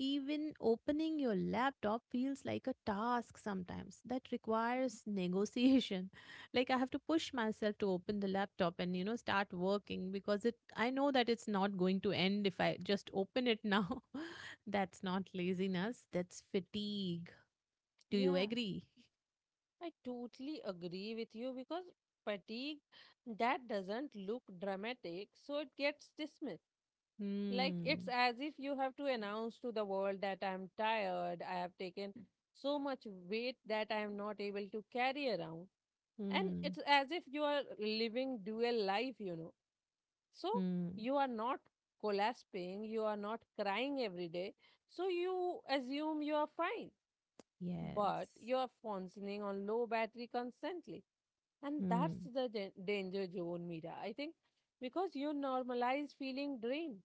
Speaker 1: Even opening your laptop feels like a task sometimes that requires negotiation. Like I have to push myself to open the laptop and you know start working because it I know that it's not going to end if I just open it now. That's not laziness, that's fatigue. Do you
Speaker 2: Yeah.
Speaker 1: agree?
Speaker 2: I totally agree with you because fatigue that doesn't look dramatic, so it gets dismissed. Like it's
Speaker 1: Hmm.
Speaker 2: as if you have to announce to the world that I'm tired, I have taken so much weight that I am not able to carry around. And
Speaker 1: Hmm.
Speaker 2: it's as if you are living dual life, you know. So
Speaker 1: Hmm.
Speaker 2: you are not collapsing, you are not crying every day. So you assume you are fine
Speaker 1: Yes.
Speaker 2: but you're functioning on low battery constantly. And that's
Speaker 1: Hmm.
Speaker 2: the danger zone, Mira. I think because you normalize feeling drained,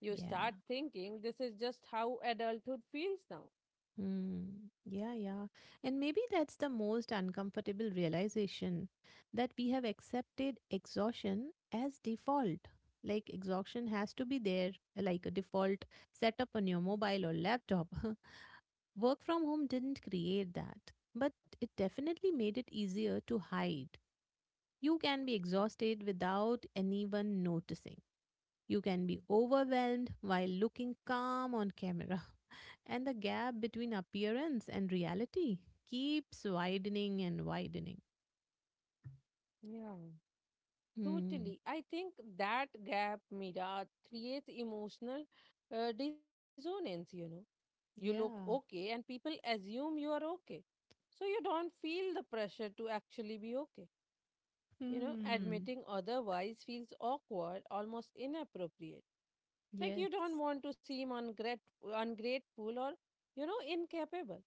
Speaker 2: you
Speaker 1: Yeah.
Speaker 2: start thinking this is just how adulthood feels now.
Speaker 1: Mm, yeah, yeah. And maybe that's the most uncomfortable realization that we have accepted exhaustion as default. Like, exhaustion has to be there, like a default setup on your mobile or laptop. Work from home didn't create that, but it definitely made it easier to hide. You can be exhausted without anyone noticing. You can be overwhelmed while looking calm on camera. And the gap between appearance and reality keeps widening and widening.
Speaker 2: Yeah.
Speaker 1: Hmm.
Speaker 2: Totally. I think that gap, Mira, creates emotional dissonance, you know. You look
Speaker 1: Yeah.
Speaker 2: okay and people assume you are okay. So you don't feel the pressure to actually be okay. You know,
Speaker 1: Hmm.
Speaker 2: admitting otherwise feels awkward, almost inappropriate. Like you don't
Speaker 1: Yes.
Speaker 2: want to seem ungrateful or, you know, incapable.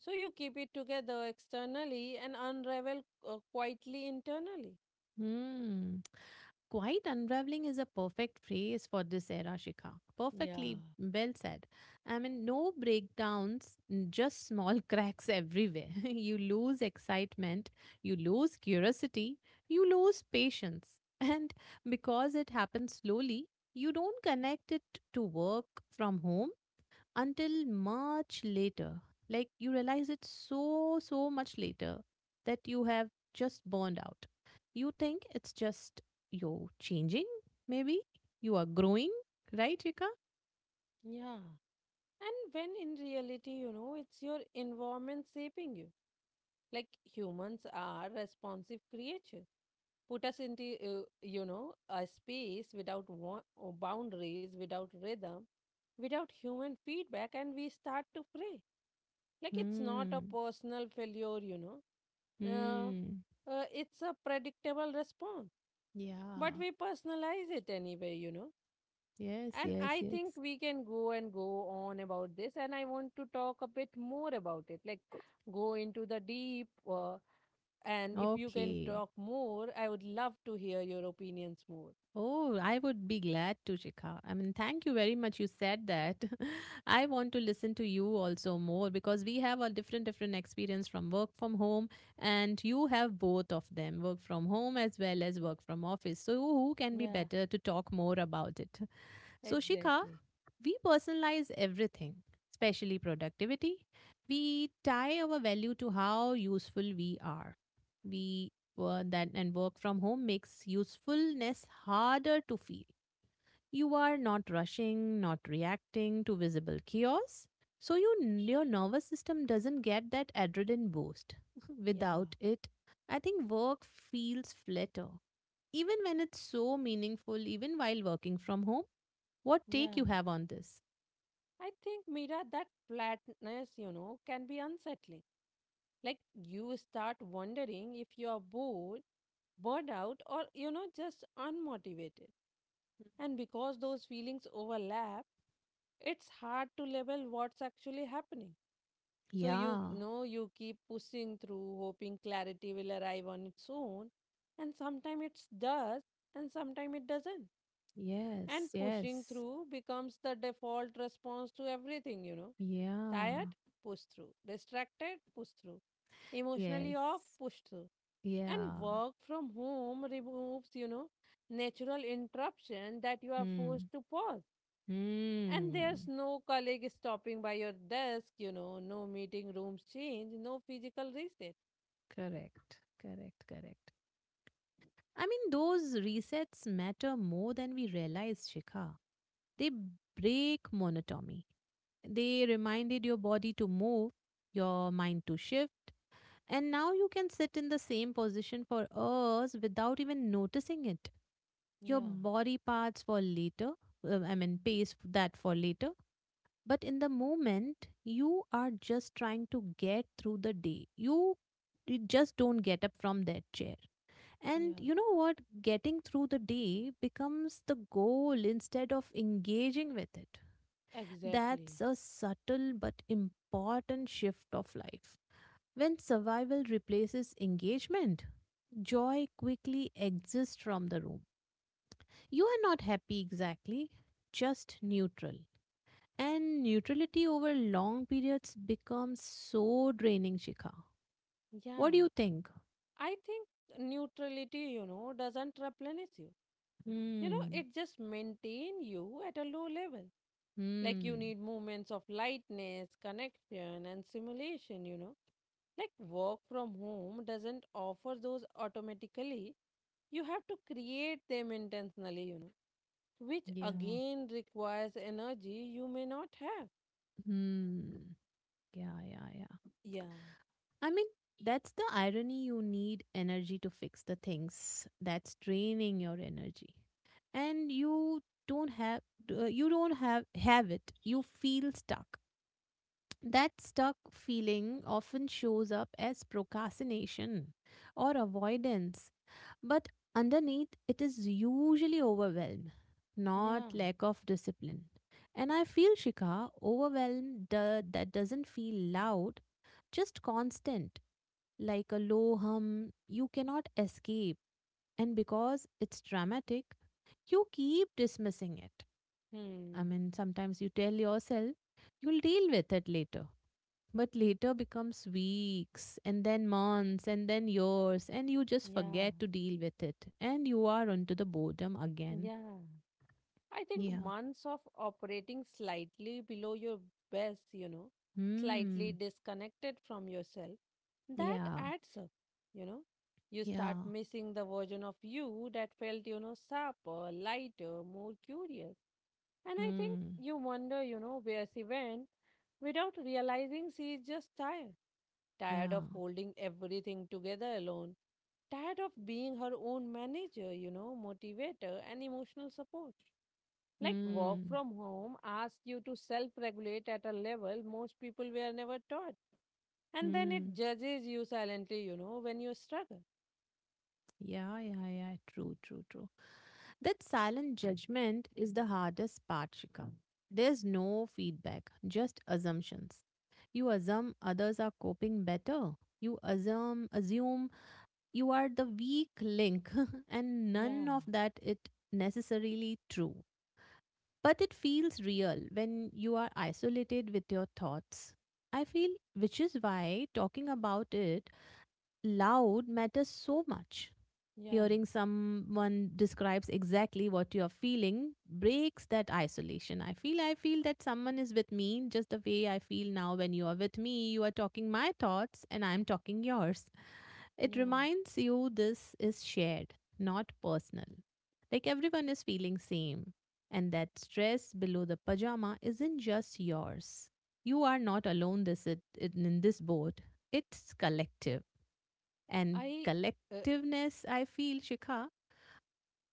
Speaker 2: So you keep it together externally and unravel quietly internally.
Speaker 1: Hmm. Quiet unraveling is a perfect phrase for this era, Shikha.
Speaker 2: Yeah.
Speaker 1: Perfectly well said. I mean, no breakdowns, just small cracks everywhere. You lose excitement, you lose curiosity, you lose patience. And because it happens slowly, you don't connect it to work from home until much later. Like you realize it so, so much later that you have just burned out. You think it's just you're changing, maybe you are growing, right, Rika?
Speaker 2: Yeah. And when in reality, you know, it's your environment shaping you. Like humans are responsive creatures. Put us into, you know, a space without boundaries, without rhythm, without human feedback and we start to pray. Like it's not a
Speaker 1: Hmm.
Speaker 2: personal failure, you know, uh,
Speaker 1: Hmm.
Speaker 2: it's a predictable response, but
Speaker 1: Yeah.
Speaker 2: we personalize it anyway, you know.
Speaker 1: Yes,
Speaker 2: And
Speaker 1: yes,
Speaker 2: I
Speaker 1: yes.
Speaker 2: think we can go and go on about this, and I want to talk a bit more about it, like go into the deep. And if you can
Speaker 1: Okay.
Speaker 2: talk more, I would love to hear your opinions more.
Speaker 1: Oh, I would be glad to, Shikha. I mean, thank you very much. You said that. I want to listen to you also more because we have a different, different experience from work from home, and you have both of them, work from home as well as work from office. So, who can be
Speaker 2: Yeah,
Speaker 1: better to talk more about it? So, Shikha,
Speaker 2: exactly.
Speaker 1: we personalize everything, especially productivity. We tie our value to how useful we are. We were that and work from home makes usefulness harder to feel. You are not rushing, not reacting to visible chaos. So your nervous system doesn't get that adrenaline boost.
Speaker 2: Yeah,
Speaker 1: Without it, I think work feels flatter. Even when it's so meaningful, even while working from home, what
Speaker 2: yeah.
Speaker 1: take you have on this?
Speaker 2: I think, Mira, that flatness, you know, can be unsettling. Like you start wondering if you're bored, burned out, or, you know, just unmotivated. And because those feelings overlap, it's hard to label what's actually happening. So you
Speaker 1: Yeah.
Speaker 2: know you keep pushing through, hoping clarity will arrive on its own, and sometimes it does, and sometimes it doesn't.
Speaker 1: Yes,
Speaker 2: And pushing
Speaker 1: yes.
Speaker 2: through becomes the default response to everything, you know.
Speaker 1: Yeah.
Speaker 2: Tired? Push through. Distracted? Push through. Emotionally off?
Speaker 1: Yes.
Speaker 2: Push through. And
Speaker 1: Yeah.
Speaker 2: work from home removes, you know, natural interruption that you are
Speaker 1: Hmm.
Speaker 2: forced to pause. And there's
Speaker 1: Hmm.
Speaker 2: no colleague stopping by your desk, you know, no meeting rooms change, no physical reset.
Speaker 1: Correct. Correct. Correct. I mean, those resets matter more than we realize, Shikha. They break monotony. They reminded your body to move, your mind to shift, and now you can sit in the same position for hours without even noticing it. Your
Speaker 2: Yeah,
Speaker 1: body parts for later. I mean, pays that for later. But in the moment, you are just trying to get through the day. You just don't get up from that chair. And
Speaker 2: yeah,
Speaker 1: you know what? Getting through the day becomes the goal instead of engaging with it.
Speaker 2: exactly.
Speaker 1: That's a subtle but important shift of life. When survival replaces engagement, joy quickly exits from the room. You are not happy exactly, just neutral. And neutrality over long periods becomes so draining, Shikha. What
Speaker 2: Yeah.
Speaker 1: do you think?
Speaker 2: I think neutrality, you know, doesn't replenish you. You know it
Speaker 1: Hmm.
Speaker 2: just maintain you at a low level. Like you
Speaker 1: Hmm.
Speaker 2: need moments of lightness connection and simulation, you know, like work from home doesn't offer those automatically. You have to create them intentionally, you know, which
Speaker 1: Yeah.
Speaker 2: again requires energy you may not have.
Speaker 1: Hmm. Yeah, yeah, yeah.
Speaker 2: Yeah,
Speaker 1: I mean, that's the irony. You need energy to fix the things that's draining your energy. And you don't have you don't have it. You feel stuck. That stuck feeling often shows up as procrastination or avoidance, but underneath it is usually overwhelm, not
Speaker 2: yeah,
Speaker 1: lack of discipline. And I feel, Shika, that doesn't feel loud, just constant, like a low hum you cannot escape. And because it's dramatic, you keep dismissing it. I
Speaker 2: hmm,
Speaker 1: mean, sometimes you tell yourself you'll deal with it later but later becomes weeks and then months and then years and you just
Speaker 2: yeah,
Speaker 1: forget to deal with it and you are onto the boredom again.
Speaker 2: yeah. I think
Speaker 1: Yeah.
Speaker 2: months of operating slightly below your best, you know, slightly
Speaker 1: Hmm.
Speaker 2: disconnected from yourself, that
Speaker 1: Yeah,
Speaker 2: adds up, you know. You start
Speaker 1: yeah.
Speaker 2: missing the version of you that felt, you know, sharper, lighter, more curious. And I think
Speaker 1: Hmm.
Speaker 2: you wonder, you know, where she went without realizing she is just tired. Tired
Speaker 1: Yeah.
Speaker 2: of holding everything together alone. Tired of being her own manager, you know, motivator, and emotional support. Like work
Speaker 1: Hmm.
Speaker 2: from home asks you to self regulate at a level most people were never taught. And then it
Speaker 1: Hmm.
Speaker 2: judges you silently, you know, when you struggle.
Speaker 1: Yeah, yeah, yeah, true, true, true. That silent judgment is the hardest part, Shika. There's no feedback just assumptions. You assume others are coping better. You assume you are the weak link. And none
Speaker 2: Yeah,
Speaker 1: of that it necessarily true, but it feels real when you are isolated with your thoughts. I feel which is why talking about it loud matters so much.
Speaker 2: yeah,
Speaker 1: Hearing someone describes exactly what you are feeling breaks that isolation. I feel that someone is with me just the way I feel now when you are with me. You are talking my thoughts and I'm talking yours. It
Speaker 2: yeah.
Speaker 1: reminds you this is shared, not personal. Like everyone is feeling same. And that stress below the pajama isn't just yours. You are not alone this it, in this boat. It's collective. And
Speaker 2: I, uh,
Speaker 1: collectiveness, I feel, Shikha,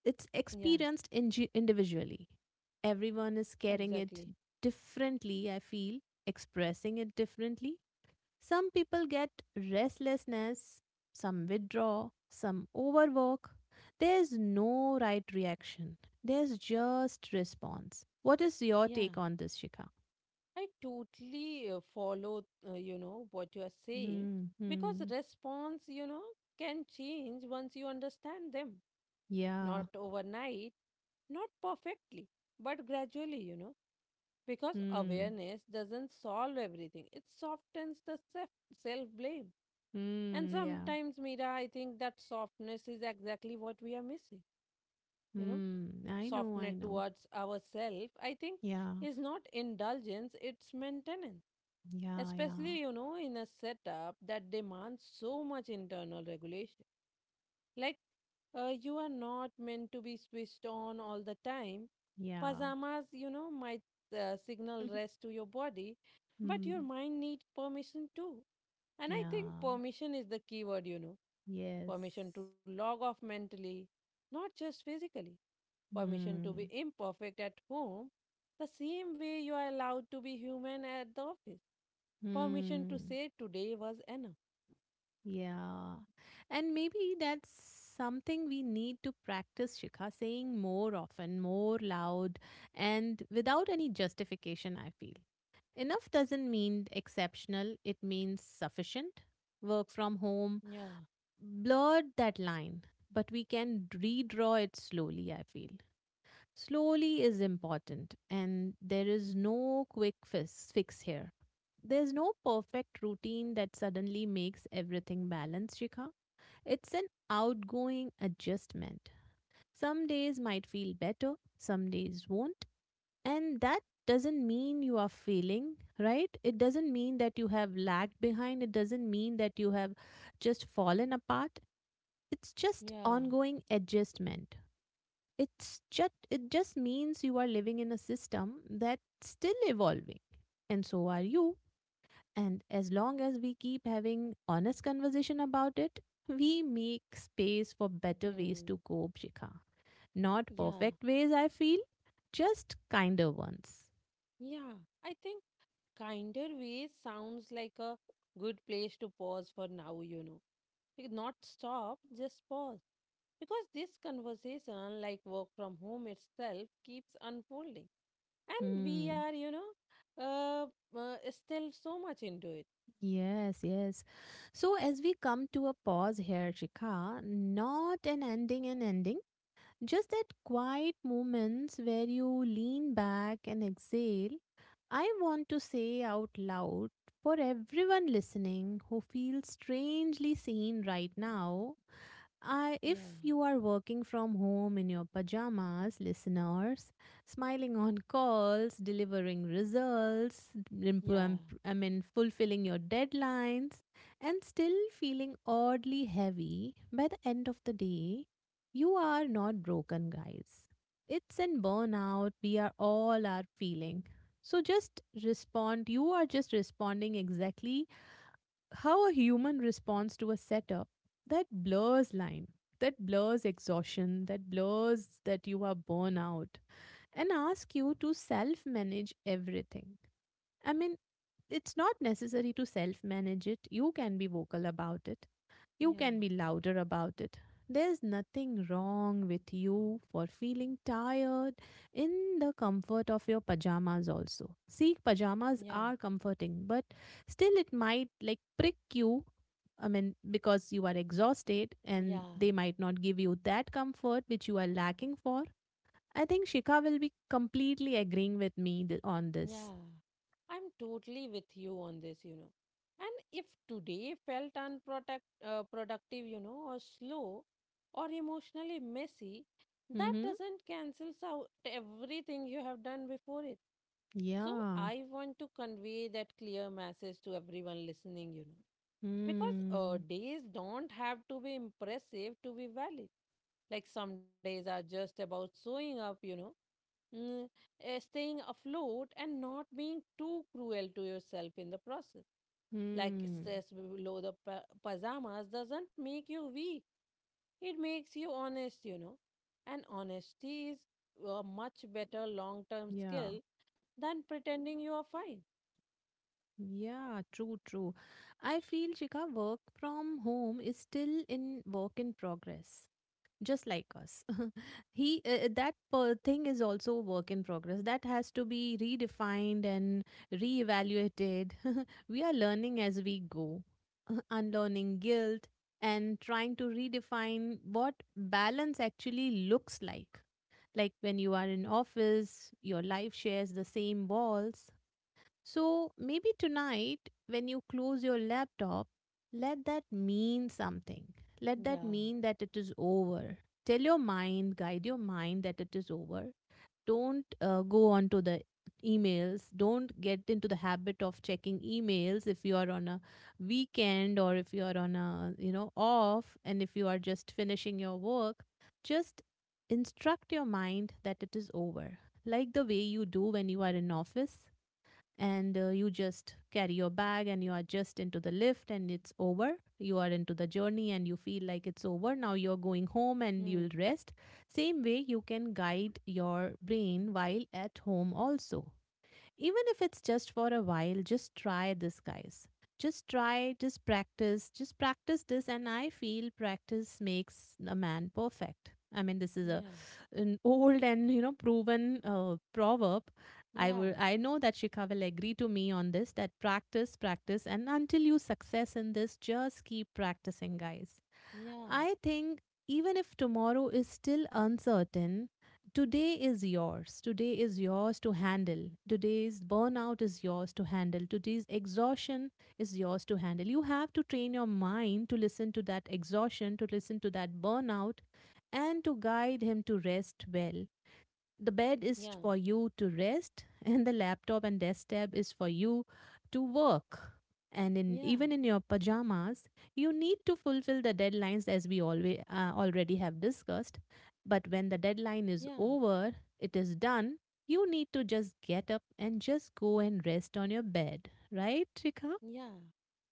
Speaker 1: it's
Speaker 2: yeah,
Speaker 1: experienced individually. Everyone is carrying it
Speaker 2: exactly.
Speaker 1: differently, I feel, expressing it differently. Some people get restlessness, some withdraw, some overwork. There's no right reaction, there's just response. What is your
Speaker 2: Yeah.
Speaker 1: take on this, Shikha?
Speaker 2: I totally follow, you know, what you are saying
Speaker 1: Hmm.
Speaker 2: because
Speaker 1: Hmm.
Speaker 2: response, you know, can change once you understand them.
Speaker 1: Yeah.
Speaker 2: Not overnight, not perfectly, but gradually, you know. Because
Speaker 1: Hmm.
Speaker 2: awareness doesn't solve everything, it softens the self blame. And
Speaker 1: Hmm. Yeah.
Speaker 2: sometimes, Mira, I think that softness is exactly what we are missing. You know,
Speaker 1: Hmm. I know. I
Speaker 2: softness
Speaker 1: know.
Speaker 2: towards ourselves, I think,
Speaker 1: Yeah.
Speaker 2: is not indulgence, it's maintenance.
Speaker 1: Yeah, yeah,
Speaker 2: Especially, you know, in a setup that demands so much internal regulation. Like, you are not meant to be switched on all the time.
Speaker 1: yeah.
Speaker 2: Pajamas, you know, might signal rest to your body, but your
Speaker 1: Mm,
Speaker 2: mind needs permission too. And I think
Speaker 1: yeah,
Speaker 2: permission is the key word, you know.
Speaker 1: yes.
Speaker 2: Permission to log off mentally, not just physically. Permission to be
Speaker 1: Mm,
Speaker 2: imperfect at home, the same way you are allowed to be human at the office. Permission to
Speaker 1: mm,
Speaker 2: say today was enough.
Speaker 1: yeah. And maybe that's something we need to practice, Shikha, saying more often, more loud, and without any justification, I feel. Enough doesn't mean exceptional, it means sufficient. Work from home
Speaker 2: Yeah,
Speaker 1: blurred that line, but we can redraw it slowly, I feel. Slowly is important, and there is no quick fix here. There's no perfect routine that suddenly makes everything balanced, Shikha. It's an outgoing adjustment. Some days might feel better, some days won't. And that doesn't mean you are failing, right? It doesn't mean that you have lagged behind. It doesn't mean that you have just fallen apart. It's just
Speaker 2: yeah,
Speaker 1: ongoing adjustment, it's just it just means you are living in a system that's still evolving and so are you. And as long as we keep having honest conversation about it we make space for better ways to
Speaker 2: mm,
Speaker 1: cope, Shikha. Not
Speaker 2: yeah,
Speaker 1: perfect ways I feel, just kinder ones.
Speaker 2: yeah. I think kinder way sounds like a good place to pause for now, you know. Not stop, just pause. Because this conversation, like work from home itself, keeps unfolding. And we
Speaker 1: Hmm.
Speaker 2: are, you know, still so much into it.
Speaker 1: Yes, yes. So as we come to a pause here, Shikha, not an ending and ending, just that quiet moments where you lean back and exhale. I want to say out loud for everyone listening who feels strangely seen right now,
Speaker 2: Yeah,
Speaker 1: if you are working from home in your pajamas, listeners, smiling on calls, delivering results,
Speaker 2: yeah,
Speaker 1: I mean, fulfilling your deadlines, and still feeling oddly heavy by the end of the day, you are not broken, guys. It's in burnout we are all are feeling. So just respond. You are just responding exactly how a human responds to a setup that blurs line, that blurs exhaustion, that blurs that you are burnout, and ask you to self manage everything. I mean, it's not necessary to self manage it, you can be vocal about it, you
Speaker 2: yeah,
Speaker 1: can be louder about it. There's nothing wrong with you for feeling tired in the comfort of your pajamas also. See, pajamas
Speaker 2: yeah,
Speaker 1: are comforting, but still it might like prick you. I mean, because you are exhausted and
Speaker 2: yeah.
Speaker 1: they might not give you that comfort which you are lacking for. I think Shika will be completely agreeing with me on this.
Speaker 2: Yeah, I'm totally with you on this, you know. And if today felt productive, you know, or slow, or emotionally messy, that
Speaker 1: Mm-hmm.
Speaker 2: doesn't cancels out everything you have done before it. So
Speaker 1: Yeah.
Speaker 2: I want to convey that clear message to everyone listening, you know, because
Speaker 1: Hmm.
Speaker 2: days don't have to be impressive to be valid. Like some days are just about showing up, you know, mm, eh, staying afloat and not being too cruel to yourself in the process. Like
Speaker 1: Hmm.
Speaker 2: stress below the pajamas doesn't make you weak, it makes you honest, you know. And honesty is a much better long term
Speaker 1: Yeah.
Speaker 2: skill than pretending you are fine.
Speaker 1: Yeah, true, true. I feel Shikha, work from home is still in work in progress, just like us. He that per thing is also work in progress. That has to be redefined and reevaluated. We are learning as we go, unlearning guilt and trying to redefine what balance actually looks like. Like when you are in office, your life shares the same walls, so maybe tonight, when you close your laptop, let that mean something. Let that
Speaker 2: Yeah.
Speaker 1: mean that it is over. Tell your mind, guide your mind that it is over. Don't go on to the emails. Don't get into the habit of checking emails if you are on a weekend or if you are on a, you know, off, and if you are just finishing your work. Just instruct your mind that it is over. Like the way you do when you are in office, and you just carry your bag and you are just into the lift and it's over, you are into the journey and you feel like it's over, now you're going home and you'll
Speaker 2: Mm.
Speaker 1: rest. Same way, you can guide your brain while at home also, even if it's just for a while. Just try this, guys. Just try, just practice this. And I feel practice makes a man perfect. I mean, this is a
Speaker 2: Yeah.
Speaker 1: an old and you know proven proverb. I
Speaker 2: Yeah.
Speaker 1: will. I know that Shikha will agree to me on this. That practice, practice, and until you success in this, just keep practicing, guys.
Speaker 2: Yeah.
Speaker 1: I think even if tomorrow is still uncertain, today is yours. Today is yours to handle. Today's burnout is yours to handle. Today's exhaustion is yours to handle. You have to train your mind to listen to that exhaustion, to listen to that burnout, and to guide him to rest well. The bed is
Speaker 2: Yeah.
Speaker 1: for you to rest and the laptop and desk tab is for you to work, and in
Speaker 2: Yeah.
Speaker 1: even in your pajamas you need to fulfill the deadlines as we always already have discussed, but when the deadline
Speaker 2: Yeah.
Speaker 1: is over, it is done. You need to just get up and just go and rest on your bed, right Rika?
Speaker 2: Yeah.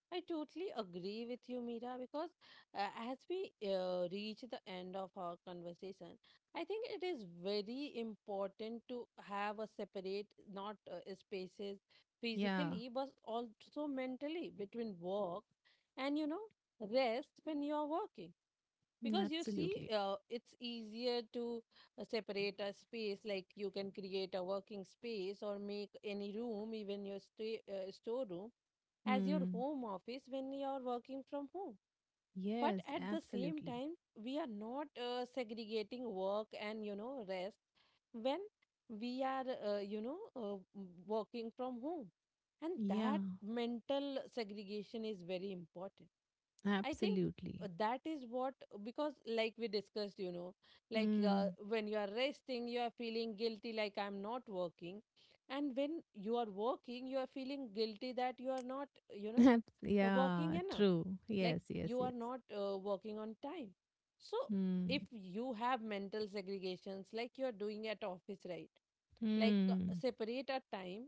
Speaker 2: I totally agree with you, Mira, because as we reach the end of our conversation, I think it is very important to have a separate, not spaces
Speaker 1: Yeah,
Speaker 2: physically, but also mentally between work and, you know, rest when you are working.
Speaker 1: mm,
Speaker 2: Because you see,
Speaker 1: absolutely.
Speaker 2: it's easier to separate a space, like you can create a working space or make any room, even your stay, storeroom as your
Speaker 1: Hmm.
Speaker 2: home office when you're working from home, but
Speaker 1: Yes,
Speaker 2: at the same
Speaker 1: absolutely.
Speaker 2: time we are not segregating work and, you know, rest when we are, you know, working from home. And
Speaker 1: Yeah,
Speaker 2: that mental segregation is very important. I think
Speaker 1: absolutely.
Speaker 2: that is what, because like we discussed, you know, like,
Speaker 1: Hmm.
Speaker 2: when you are resting you are feeling guilty, like I'm not working. And when you are working you are feeling guilty that you are not, you know, working
Speaker 1: Yeah,
Speaker 2: enough,
Speaker 1: true.
Speaker 2: like
Speaker 1: Yes, yes,
Speaker 2: you
Speaker 1: yes.
Speaker 2: are not working on time. So
Speaker 1: Hmm.
Speaker 2: if you have mental segregations like you are doing at office, right, like
Speaker 1: Hmm.
Speaker 2: separate a time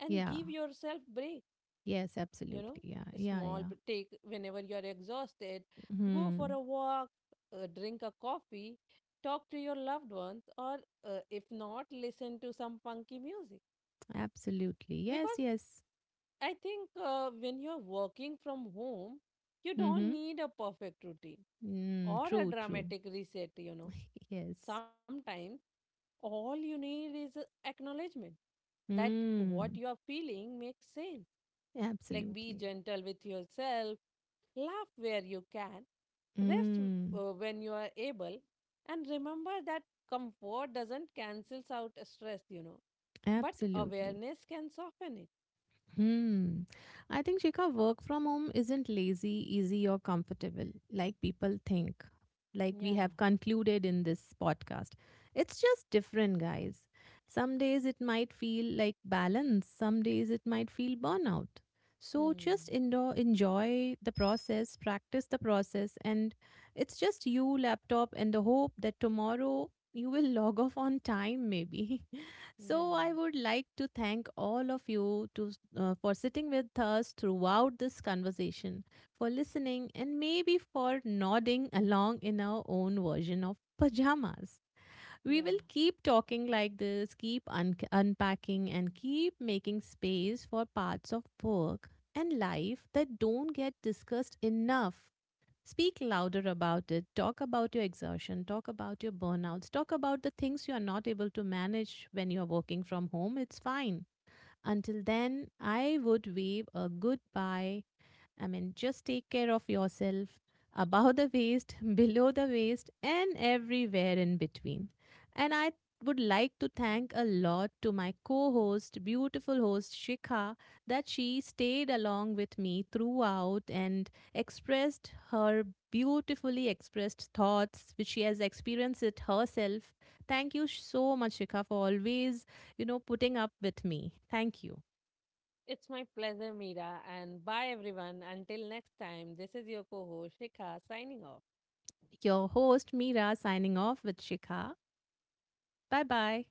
Speaker 2: and
Speaker 1: Yeah.
Speaker 2: give yourself break,
Speaker 1: Yes,
Speaker 2: you know,
Speaker 1: absolutely. Yeah,
Speaker 2: a
Speaker 1: yeah,
Speaker 2: small
Speaker 1: yeah.
Speaker 2: take whenever you are exhausted. Go for
Speaker 1: Hmm.
Speaker 2: a walk, drink a coffee, talk to your loved ones, or if not listen to some funky music.
Speaker 1: Absolutely.
Speaker 2: Because
Speaker 1: Yes, yes.
Speaker 2: I think when you're working from home, you don't
Speaker 1: Mm-hmm.
Speaker 2: need a perfect routine
Speaker 1: Mm,
Speaker 2: or a
Speaker 1: true, true.
Speaker 2: dramatic reset, you know.
Speaker 1: Yes.
Speaker 2: Sometimes all you need is a acknowledgement that what
Speaker 1: Hmm.
Speaker 2: you are feeling makes sense. Like be
Speaker 1: Absolutely.
Speaker 2: gentle with yourself, laugh where you can, rest
Speaker 1: Hmm.
Speaker 2: when you are able, and remember that comfort doesn't cancels out stress, you know, but
Speaker 1: Absolutely.
Speaker 2: awareness can soften it.
Speaker 1: Hmm. I think Shikha, work from home isn't lazy, easy, or comfortable like people think, like we
Speaker 2: Yeah.
Speaker 1: have concluded in this podcast. It's just different, guys. Some days it might feel like balance, some days it might feel burnout. So just
Speaker 2: Hmm.
Speaker 1: enjoy the process, practice the process, and it's just you, laptop, and the hope that tomorrow you will log off on time, maybe. So
Speaker 2: Yeah,
Speaker 1: I would like to thank all of you to for sitting with us throughout this conversation, for listening, and maybe for nodding along in our own version of pajamas. We
Speaker 2: yeah.
Speaker 1: will keep talking like this, keep unpacking, and keep making space for parts of work and life that don't get discussed enough. Speak louder about it. Talk about your exertion. Talk about your burnouts. Talk about the things you are not able to manage when you are working from home. It's fine. Until then, I would wave a goodbye, I mean, just take care of yourself above the waist, below the waist, and everywhere in between. And I would like to thank a lot to my co host, beautiful host Shikha, that she stayed along with me throughout and expressed her beautifully expressed thoughts, which she has experienced it herself. Thank you so much, Shikha, for always, you know, putting up with me. Thank you.
Speaker 2: It's my pleasure, Mira. And bye, everyone. Until next time, this is your co host, Shikha, signing off.
Speaker 1: Your host, Mira, signing off with Shikha. Bye bye.